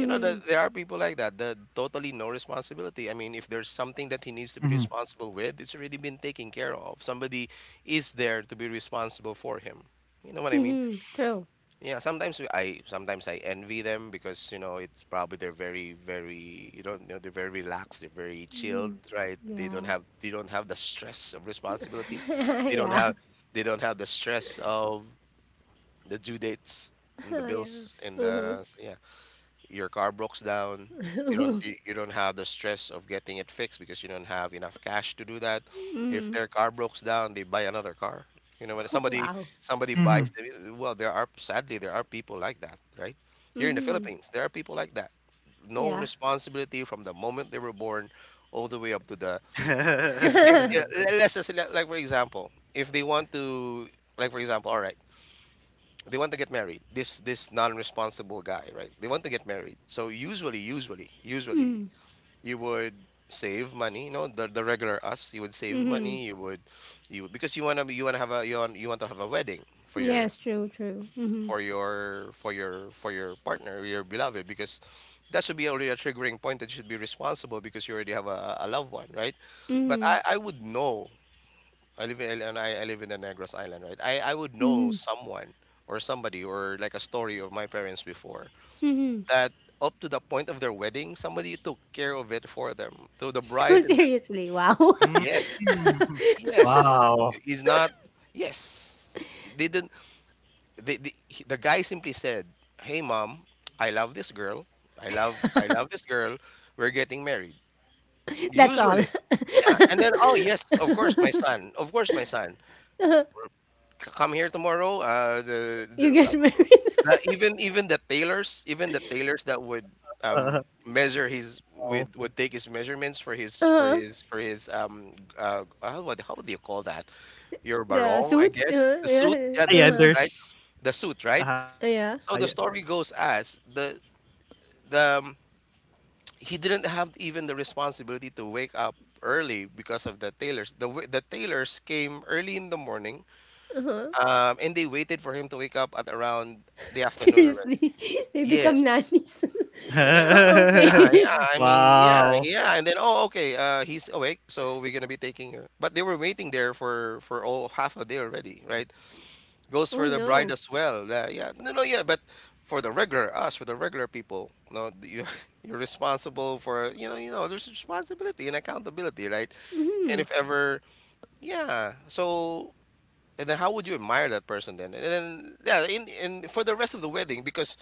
You know that there are people like that, the totally no responsibility. I mean, if there's something that he needs to be hmm responsible with, it's already been taken care of. Somebody is there to be responsible for him. You know what I mean? Mhm. True. Yeah, sometimes we- I sometimes I envy them because you know it's probably they're very very you don't know they're very relaxed, they're very Mm. chilled, right? They don't Yeah. have the stress of responsibility. [laughs] They don't Yeah. have the stress of the due dates and the Oh, yeah. bills and Mhm. the yeah, your car breaks down. you don't [laughs] you you don't have the stress of getting it fixed because you don't have enough cash to do that. If Mm. their car breaks down, they buy another car. You know, when [laughs] somebody Wow. somebody hmm buys well there are, sadly, there are people like that, right? Here in the Mhm. Philippines, there are people like that. No Yeah. responsibility from the moment they were born all the way up to the If [laughs] [laughs] let's just say, like for example, if they want to, like for example, all right, they want to get married, this non-responsible guy, right? They want to get married. So, usually Mm. you would save money. You know, the regular us, you would save Mhm. money, you would because you want to have a you want to have a wedding for your Yes, true, true. Mhm. Partner your beloved, because that should be already a triggering point that you should be responsible because you already have a loved one, right? But Mhm. I would know, I live in, and I live in the Negros Island, right? I would know Mhm. someone or somebody, or like a story of my parents before, Mhm. that up to the point of their wedding, somebody took care of it for them. So the Oh, [laughs] bride and the seriously, wow. [laughs] yes, yes wow. is not yes. They didn't. The guy simply said, "Hey, Mom, I love this girl. I love this girl. We're getting married." That's all. Usually, yeah. And then, oh yes, of course, my [laughs] son. Of course, my son. Come here tomorrow. Uh, the, You the get married. uh, uh, [laughs] even the tailors, even the tailors that would [laughs] Uh, measure his would take his measurements for his Uh-huh. What how do you call that? Your The barong, I suit. guess. Uh-huh. The suit, Yeah. yeah, the yeah, suit, Uh-huh. right? there's The suit, right? ah, yeah. Yeah. So the story goes as the the um, he didn't have even the responsibility to wake up early because of the tailors. The tailors came early in the morning, Uh-huh. And they waited for him to wake up at around the [laughs] afternoon already. Seriously, [laughs] they become Yes. nannies. [laughs] Yeah, Oh, yeah, [laughs] okay. yeah. I mean, yeah, Wow. yeah. And then, oh, okay, he's awake, so we're gonna be taking her. But they were waiting there for all half a day already, right? [laughs] Goes Oh for the bride no. as well. Yeah, no, no, yeah. But for the regular us, for the regular people, no, you [laughs] you're responsible for you know there's responsibility and accountability, right? And Mm-hmm. if ever, yeah. So and then how would you admire that person then? And then yeah, in for the rest of the wedding, because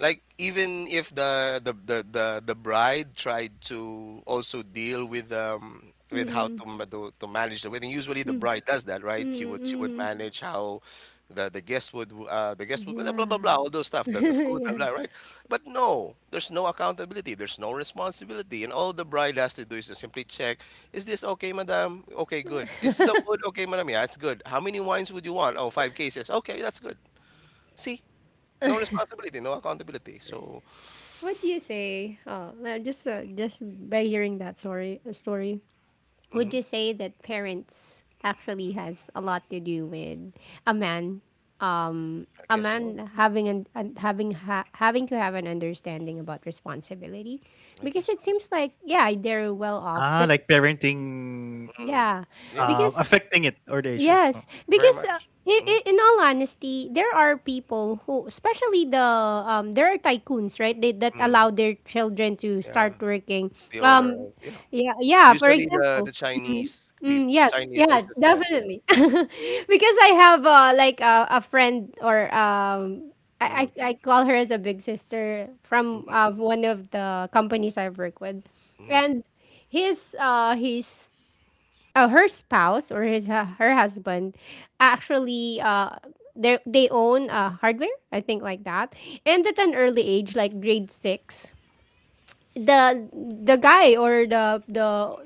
like even if the bride tried to also deal with how Mm-hmm. to, to manage the wedding, usually the bride Mm-hmm. does that, right? She would she would Mm-hmm. manage how the guests would the guests would blah blah blah, Mm-hmm. blah, all those stuff, the food, blah, Yeah. blah, right? But no, there's no accountability, there's no responsibility, and all the bride has to do is to simply check, is this okay, madam? Okay, good. [laughs] Is Yeah. [laughs] the food okay, madam? Yeah, it's good. How many wines would you want? Oh, five cases. Okay, that's good. See, no responsibility, no accountability. So What do you say? Oh, no, just by hearing that story, would hmm you say that parents actually has a lot to do with a man, I a guess so. man having an having having to have an understanding about responsibility, I guess because it so. seems like yeah, they're well Ah, off, like but parenting, Mm. yeah, Yeah, because affecting it or the issue. Oh. yes, very because much. I hmm in all honesty, there are people who, especially the there are tycoons, right? They that Mm. allow their children to Yeah, start working. the owner of yeah. Yeah, yeah. For Usually the example, the mhm. Chinese Mm, people, yes, Chinese yeah, businessmen. Yeah. definitely. [laughs] Because I have like a friend or Mm-hmm. I call her as a big sister from Mm-hmm. One of the companies I've worked with, Mm-hmm. and his her spouse or his her husband actually they own hardware I think like that and at an early age like grade 6 the guy or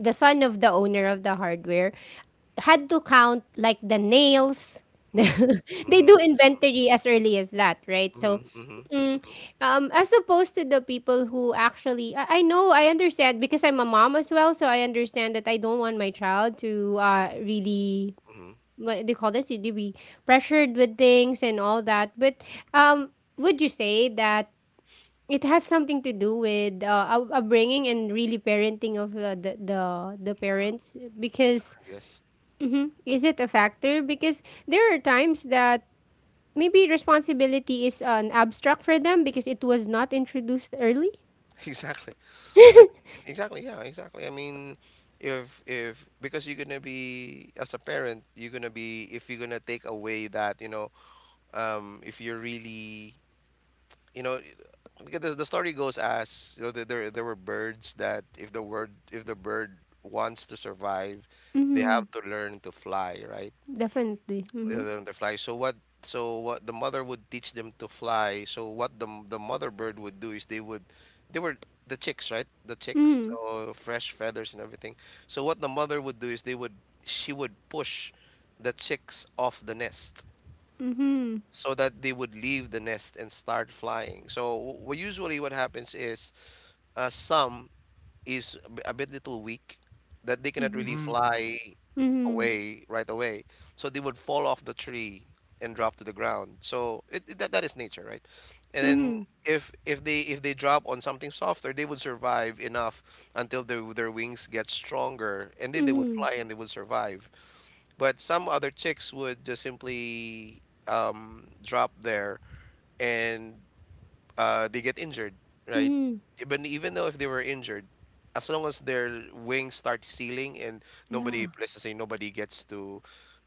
the son of the owner of the hardware had to count like the nails. [laughs] They Mm-hmm. do inventory as early as that, right? So, Mm-hmm. Mm-hmm. mm, as opposed to the people who actually, I know, I understand because I'm a mom as well, so I understand that I don't want my child to really Mm-hmm. I what do you call this? To be pressured with things and all that. But um, would you say that it has something to do with upbringing and really parenting of the parents because guess mhm. Is it a factor? Because there are times that maybe responsibility is an abstract for them because it was not introduced early. [laughs] exactly. I- exactly. Yeah. Exactly. I mean, if because you're gonna be as a parent, you're gonna be if you're gonna take away that, you know, if you're really, you know, because the story goes, as you know, there there were birds that if the bird wants to survive, they Mm-hmm. have to learn to fly, right? Definitely. They Mm-hmm. learn to fly. So what the mother would teach them to fly. So what the mother bird would do is they would they were the chicks, right? The chicks, Mm-hmm. so fresh feathers and everything. So what the mother would do is they would she would push the chicks off the nest Mm-hmm. so that they would leave the nest and start flying. So usually what happens is some a bit little weak that they cannot Mm-hmm. really fly Mm, mhm. Mm-hmm. away right away. So they would fall off the tree and drop to the ground. So that, is nature, right? And then Mm-hmm. if they drop on something softer, they would survive enough until their wings get stronger, and then they would Mm-hmm. fly and they would survive. But some other chicks would just simply drop there and they get injured, right? Mm-hmm. Even though if they were injured, as long as their wings start sealing and nobody, Yeah. let's just say, nobody gets to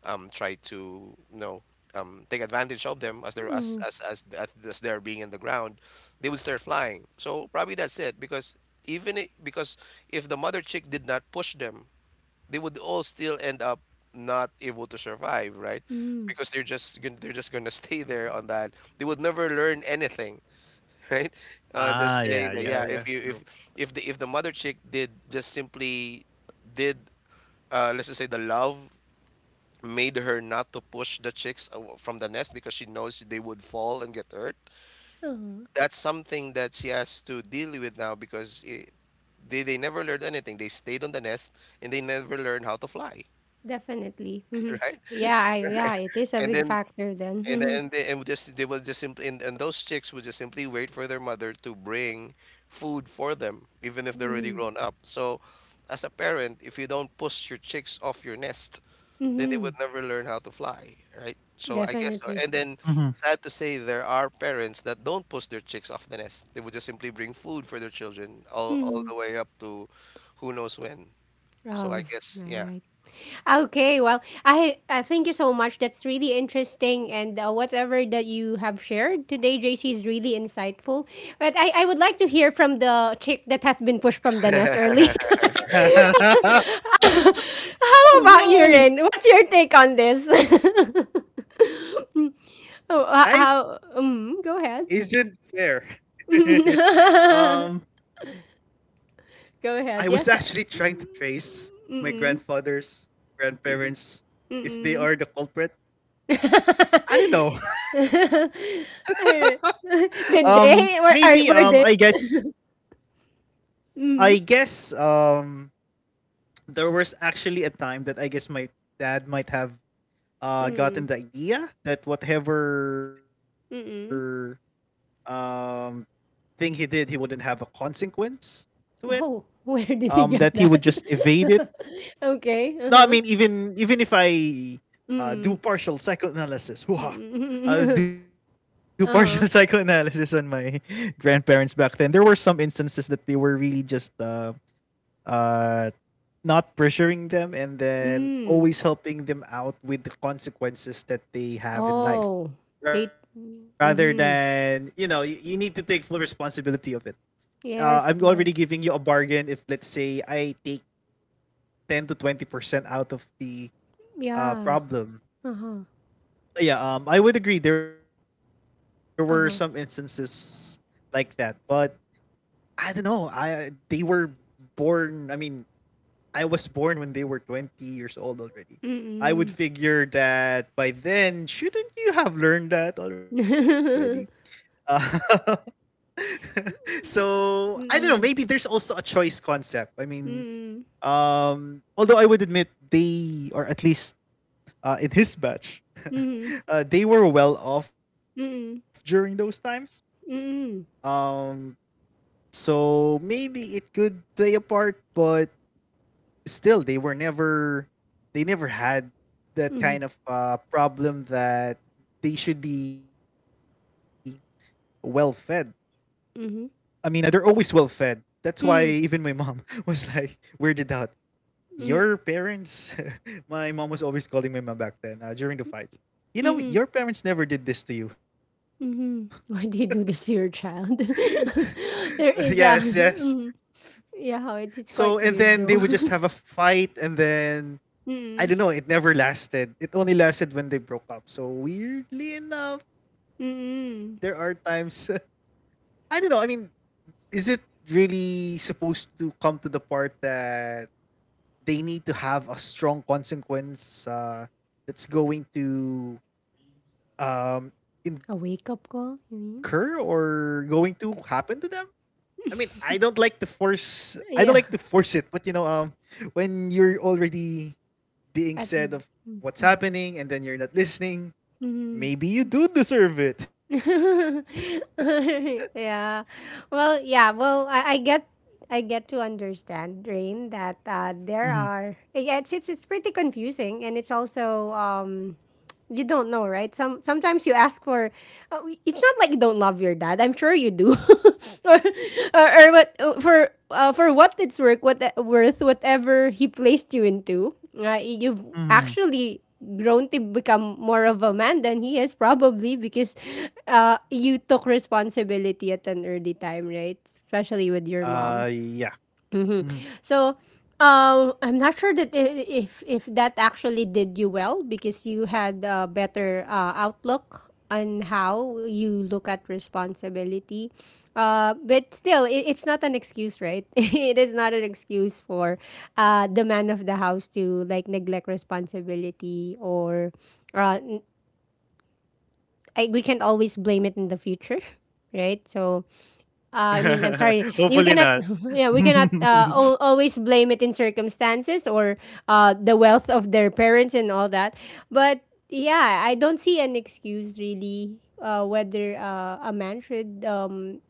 try to, you know, take advantage of them Mm-hmm. As they're being in the ground, they would start flying. So probably that's it because even I because if the mother chick did not push them, they would all still end up not able to survive, right? Mm-hmm. Because they're just they're just gonna [laughs] stay there on that. They would never learn anything, [laughs] right? On just saying that, yeah, Ah, yeah, yeah, yeah. if the True. Mother chick did just simply did, let's just say, the love made her not to push the chicks from the nest because she knows they would fall and get hurt. Uh-huh. That's something that she has to deal with now because it, they never learned anything. They stayed on the nest and they never learned how to fly, Definitely. [laughs] Mm-hmm. right? Yeah, yeah, it is a And big then factor then. Mm-hmm. and they, and just they was just simply and those chicks would just simply wait for their mother to bring food for them, even if they're already Mm-hmm. grown up. So, as a parent, if you don't push your chicks off your nest, then they Mm-hmm. would never learn how to fly, right? So I guess, so, Definitely. and then, sad to say, Mhm. there are parents that don't push their chicks off the nest. They would just simply bring food for their children all Mm-hmm. the way up to who knows when. Oh, So I [laughs] guess, all yeah. right. Okay, well, I thank you so much. That's really interesting, and whatever that you have shared today, JC is really insightful. But I would like to hear from the chick that has been pushed from the nest early. [laughs] [laughs] [laughs] How about you, Rin? Oh What's your no! take on this? [laughs] Oh, how? Life Mm, go ahead. isn't fair. [laughs] um, [laughs] Go ahead. I Yes. was Uh, actually trying to trace my mm. grandfather's Mm. grandparents Mm. if they are the culprit. [laughs] I don't know. Alright. [laughs] [laughs] Did um, they? Maybe um, Were I they? guess Mm, I guess um, there was actually a time that I guess my dad might have mm, gotten the idea that mm. whatever um thing he did, he wouldn't have a consequence Oh, to [laughs] it. where did he get that? Um, that he would just evade it. [laughs] Okay, uh-huh. No, I mean, even if Mm, I do partial psychoanalysis. [laughs] mm, Hoo-ha, I'll [laughs] do uh-huh. partial [laughs] psychoanalysis on my [laughs] grandparents back then. There were some instances that they were really just uh not pressuring them and Mm. then always helping them out with the consequences that they Oh, have in they life, rather mhm. than, you know, you need to take full responsibility of it. Yes, I'm yes. already giving you a bargain if, let's say, I take 10 to 20% out of the Yeah. problem. Uh-huh, Yeah, um, I would agree there were some instances uh-huh. like that, but I don't know I they were born. I mean, I was born when they were 20 years old already. Mm, I would mm, figure that by then, shouldn't you have learned that already? [laughs] Uh, [laughs] so I don't know. Maybe there's mm, also a choice concept. I mean, mm, although I would admit they, or at least in his batch, mm, they were well off during mm, those mm, times. mm, Um, so maybe it could play a part, but still they were never, they never had that kind mhm, of problem that they should be well fed. I mean, they're mhm, always well fed. That's why even my mm, mom [laughs] was like weirded out. Your mhm, parents, [laughs] my mom was always calling my mom back then during the fights. You know, mm. your [laughs] parents never did this to you. Mhm. Why [laughs] do you do this to your child? [laughs] Yes, [laughs] there is yes. a [laughs] mhm. Yeah, how it's So it's and quite then they weird would just though. have a [laughs] fight, and then I don't Mm. know, it never lasted. It only lasted when they broke up. So weirdly enough, there are Mm. times [laughs] I don't know. I mean, is it really supposed to come to the part that they need to have a strong consequence that's going to um, A incur wake up call, or you mean? going to happen to them? I mean, I don't like to force. I don't like to force it, Yeah. but you know, when you're already being [laughs] said At of what's mm-hmm. happening and then you're not listening, Mhm. maybe you do deserve it. [laughs] [laughs] yeah. Well, yeah. Well, I get to understand, Rain, that Mm-hmm. there are yeah, it's it's pretty confusing and it's also you don't know, right? Some sometimes you ask for. Uh, it's not like you don't love your dad. I'm sure you do. [laughs] or, or what for what it's worth, what worth whatever he placed you into. You've Mm-hmm. actually grown to become more of a man than he is probably because you took responsibility at an early time, right? Especially with your mom. Uh, yeah. Mhm. hmm So, I'm not sure that if that actually did you well because you had a better outlook on how you look at responsibility. But still, it's not an excuse, right? [laughs] it is not an excuse for the man of the house to like neglect responsibility or uh, n- I, we can't always blame it in the future, [laughs] right? So I mean, I'm sorry. [laughs] You Hopefully cannot, not. [laughs] yeah, we cannot [laughs] always blame it in circumstances or the wealth of their parents and all that. But yeah, I don't see an excuse really whether a man should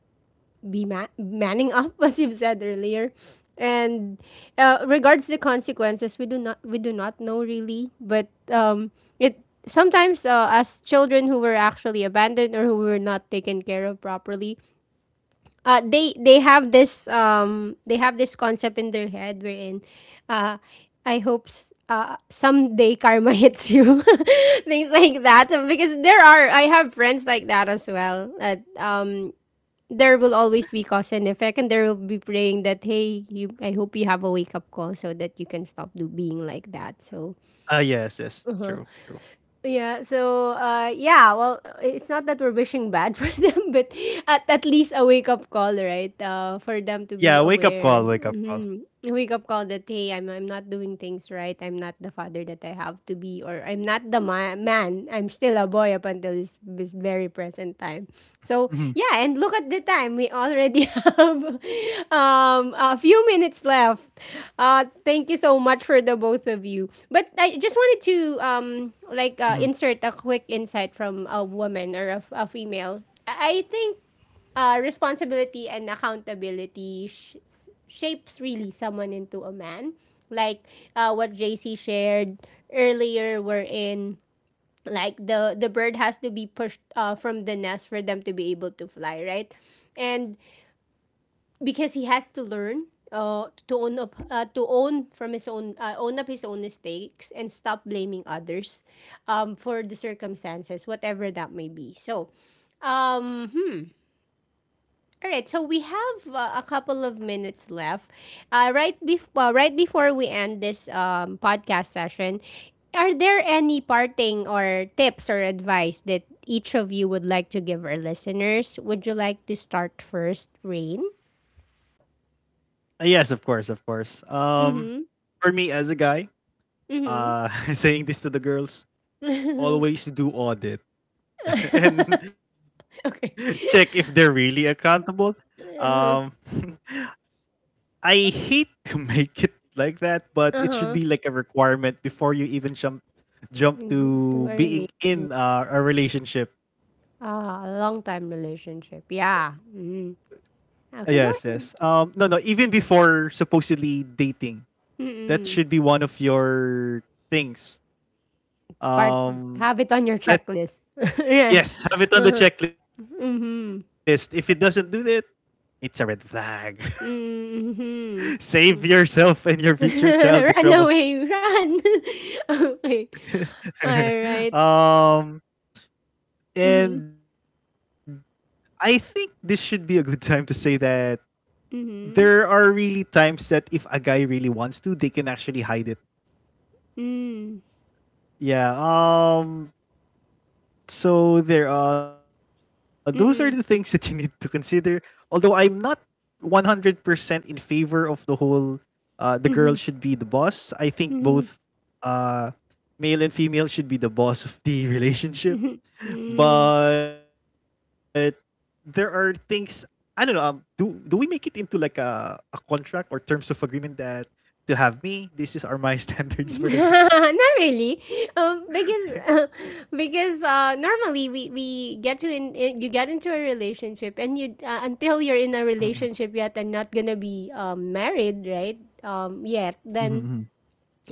be manning up, [laughs] as you've said earlier. And regards the consequences, we do not know really, but it sometimes as children who were actually abandoned or who were not taken care of properly they have this concept in their head wherein uh I hope someday karma [laughs] hits you [laughs] things like that because there are I have friends like that as well that there will always be cause and effect and there will be praying that hey you I hope you have a wake up call so that you can stop do being like that so Ah, yes, yes, true, true. yeah, so yeah, well it's not that we're wishing bad [laughs] for them, but at least a wake up call, right? For them to be Yeah, wake up aware. call, wake up call. Hmm A wake up call that hey, I'm not doing things right. I'm not the father that I have to be or I'm not the man. I'm still a boy up until this of this very present time. So Hmm yeah, and look at the time. We already [laughs] have a few minutes left. Thank you so much for the both of you. But I just wanted to um, like hmm insert a quick insight from a woman or a female. I think responsibility and accountability shapes really someone into a man. Like what JC shared earlier, we're in like the bird has to be pushed from the nest for them to be able to fly right and because he has to learn to own from his own own up his own mistakes and stop blaming others for the circumstances whatever that may be so um hmm all right, so we have a couple of minutes left. Right right before we end this podcast session, are there any parting or tips or advice that each of you would like to give our listeners? Would you like to start first, Rain? Yes, of course, of course. Mm-hmm. For me as a guy, [laughs] saying this to the girls, Mm-hmm. [laughs] always do audit [laughs] and [laughs] check if they're okay. really accountable. Um, [laughs] Uh-huh. I hate [laughs] to make it like that, but it should be Uh-huh. like a requirement before you even jump Mhm. Too to early. being in a relationship. Ah, a long time relationship. Yeah. Mm. Yes, yes. Okay, go No, no. ahead. Even before supposedly dating, that should be Mm-mm. one of your things. part Um, have it on your that checklist. [laughs] yeah. yes, have it on the Uh-huh. checklist. If it doesn't do Mhm. that, it's a red flag. [laughs] Mhm. Save Mm. yourself and your future [laughs] child the trouble. run away, run. [laughs] okay. All [laughs] right. um, Mhm. and I think this should be a good time to say that there Mhm. are really times that if a guy really wants to, they can actually hide it. Mm. Yeah. Um, so there those are the things [laughs] that you need to Mm. consider. Although I'm not 100% in favor of the whole the girl should Mhm. be the boss. I think both Mhm. uh male and female should be the boss of the [laughs] relationship. Mhm. Mhm. But there are things I don't know. Do we make it into like a contract or terms of agreement that to have me, this is are my [laughs] standards for the girls? [laughs] Not really, because [laughs] because normally we get to in you get into a relationship and you until you're Mhm, in a relationship yet and not gonna be married right mhm, yet mhm, then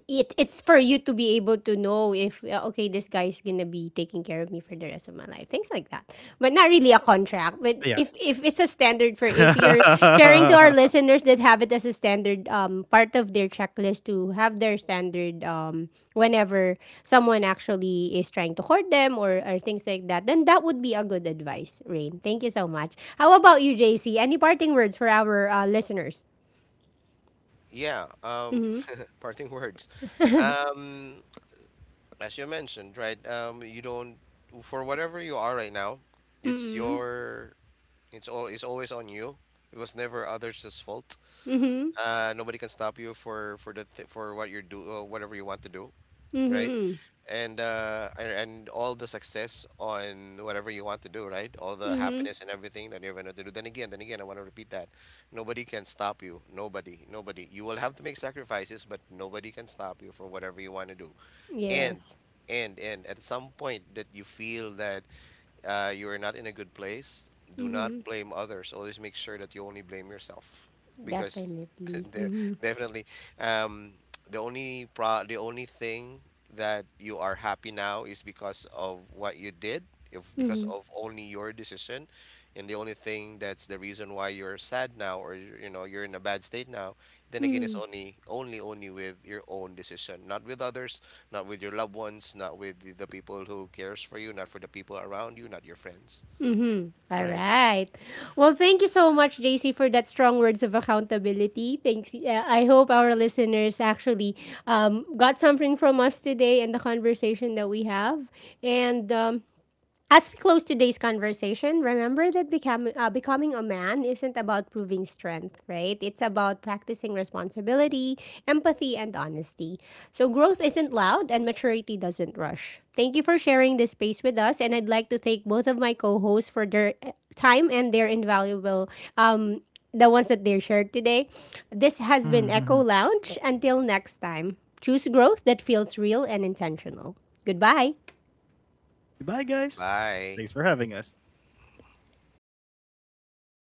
it's for you to be able to know if okay this guy is gonna be taking care of me for the rest of my life things like that but not really a [laughs] yeah. contract but if it's a standard for if you're sharing to our listeners that have it as a standard part of their checklist to have their standard whenever someone actually is trying to court them or things like that then that would be a good advice rain thank you so much how about you jc any parting words for our listeners Yeah, mm-hmm parting words. Um, as you mentioned, right? You don't, for whatever you are right now, it's mm-hmm your it's always on you. It was never others' fault. mm-hmm Nobody can stop you for the th for what you're do whatever you want to do, right? mm-hmm And, all the success on whatever you want to do, right? All the Mm-hmm. happiness and everything that you're gonna do. Then again, I want to repeat that. Nobody can stop you. Nobody, nobody. You will have to make sacrifices, but nobody can stop you for whatever you want to do. And Yes. At some point, that you feel that you are not in a good place, do not Mm-hmm. blame others, always make sure that you only blame yourself, because [laughs] Definitely. de- Mm-hmm. definitely um, the only the only thing that you are happy now is because of what you did, if because Mm-hmm. of only your decision. And the only thing that's the reason why you're sad now or, you know, you're in a bad state now, then again, it's Mm-hmm. only with your own decision, not with others, not with your loved ones, not with the people who cares for you, not for the people around you, not your friends. Mm-hmm. All All right. right. Well, thank you so much, JC, for that strong words of accountability. Thanks. I hope our listeners actually got something from us today and the conversation that we have. And as we close today's conversation, remember that becoming becoming a man isn't about proving strength, right? It's about practicing responsibility, empathy, and honesty. So growth isn't loud, and maturity doesn't rush. Thank you for sharing this space with us, and I'd like to thank both of my co-hosts for their time and their invaluable um the ones that they shared today. This [laughs] has been Echo mhm. Lounge. Until next time, choose growth that feels real and intentional. Goodbye. Goodbye, guys. Bye. Thanks for having us.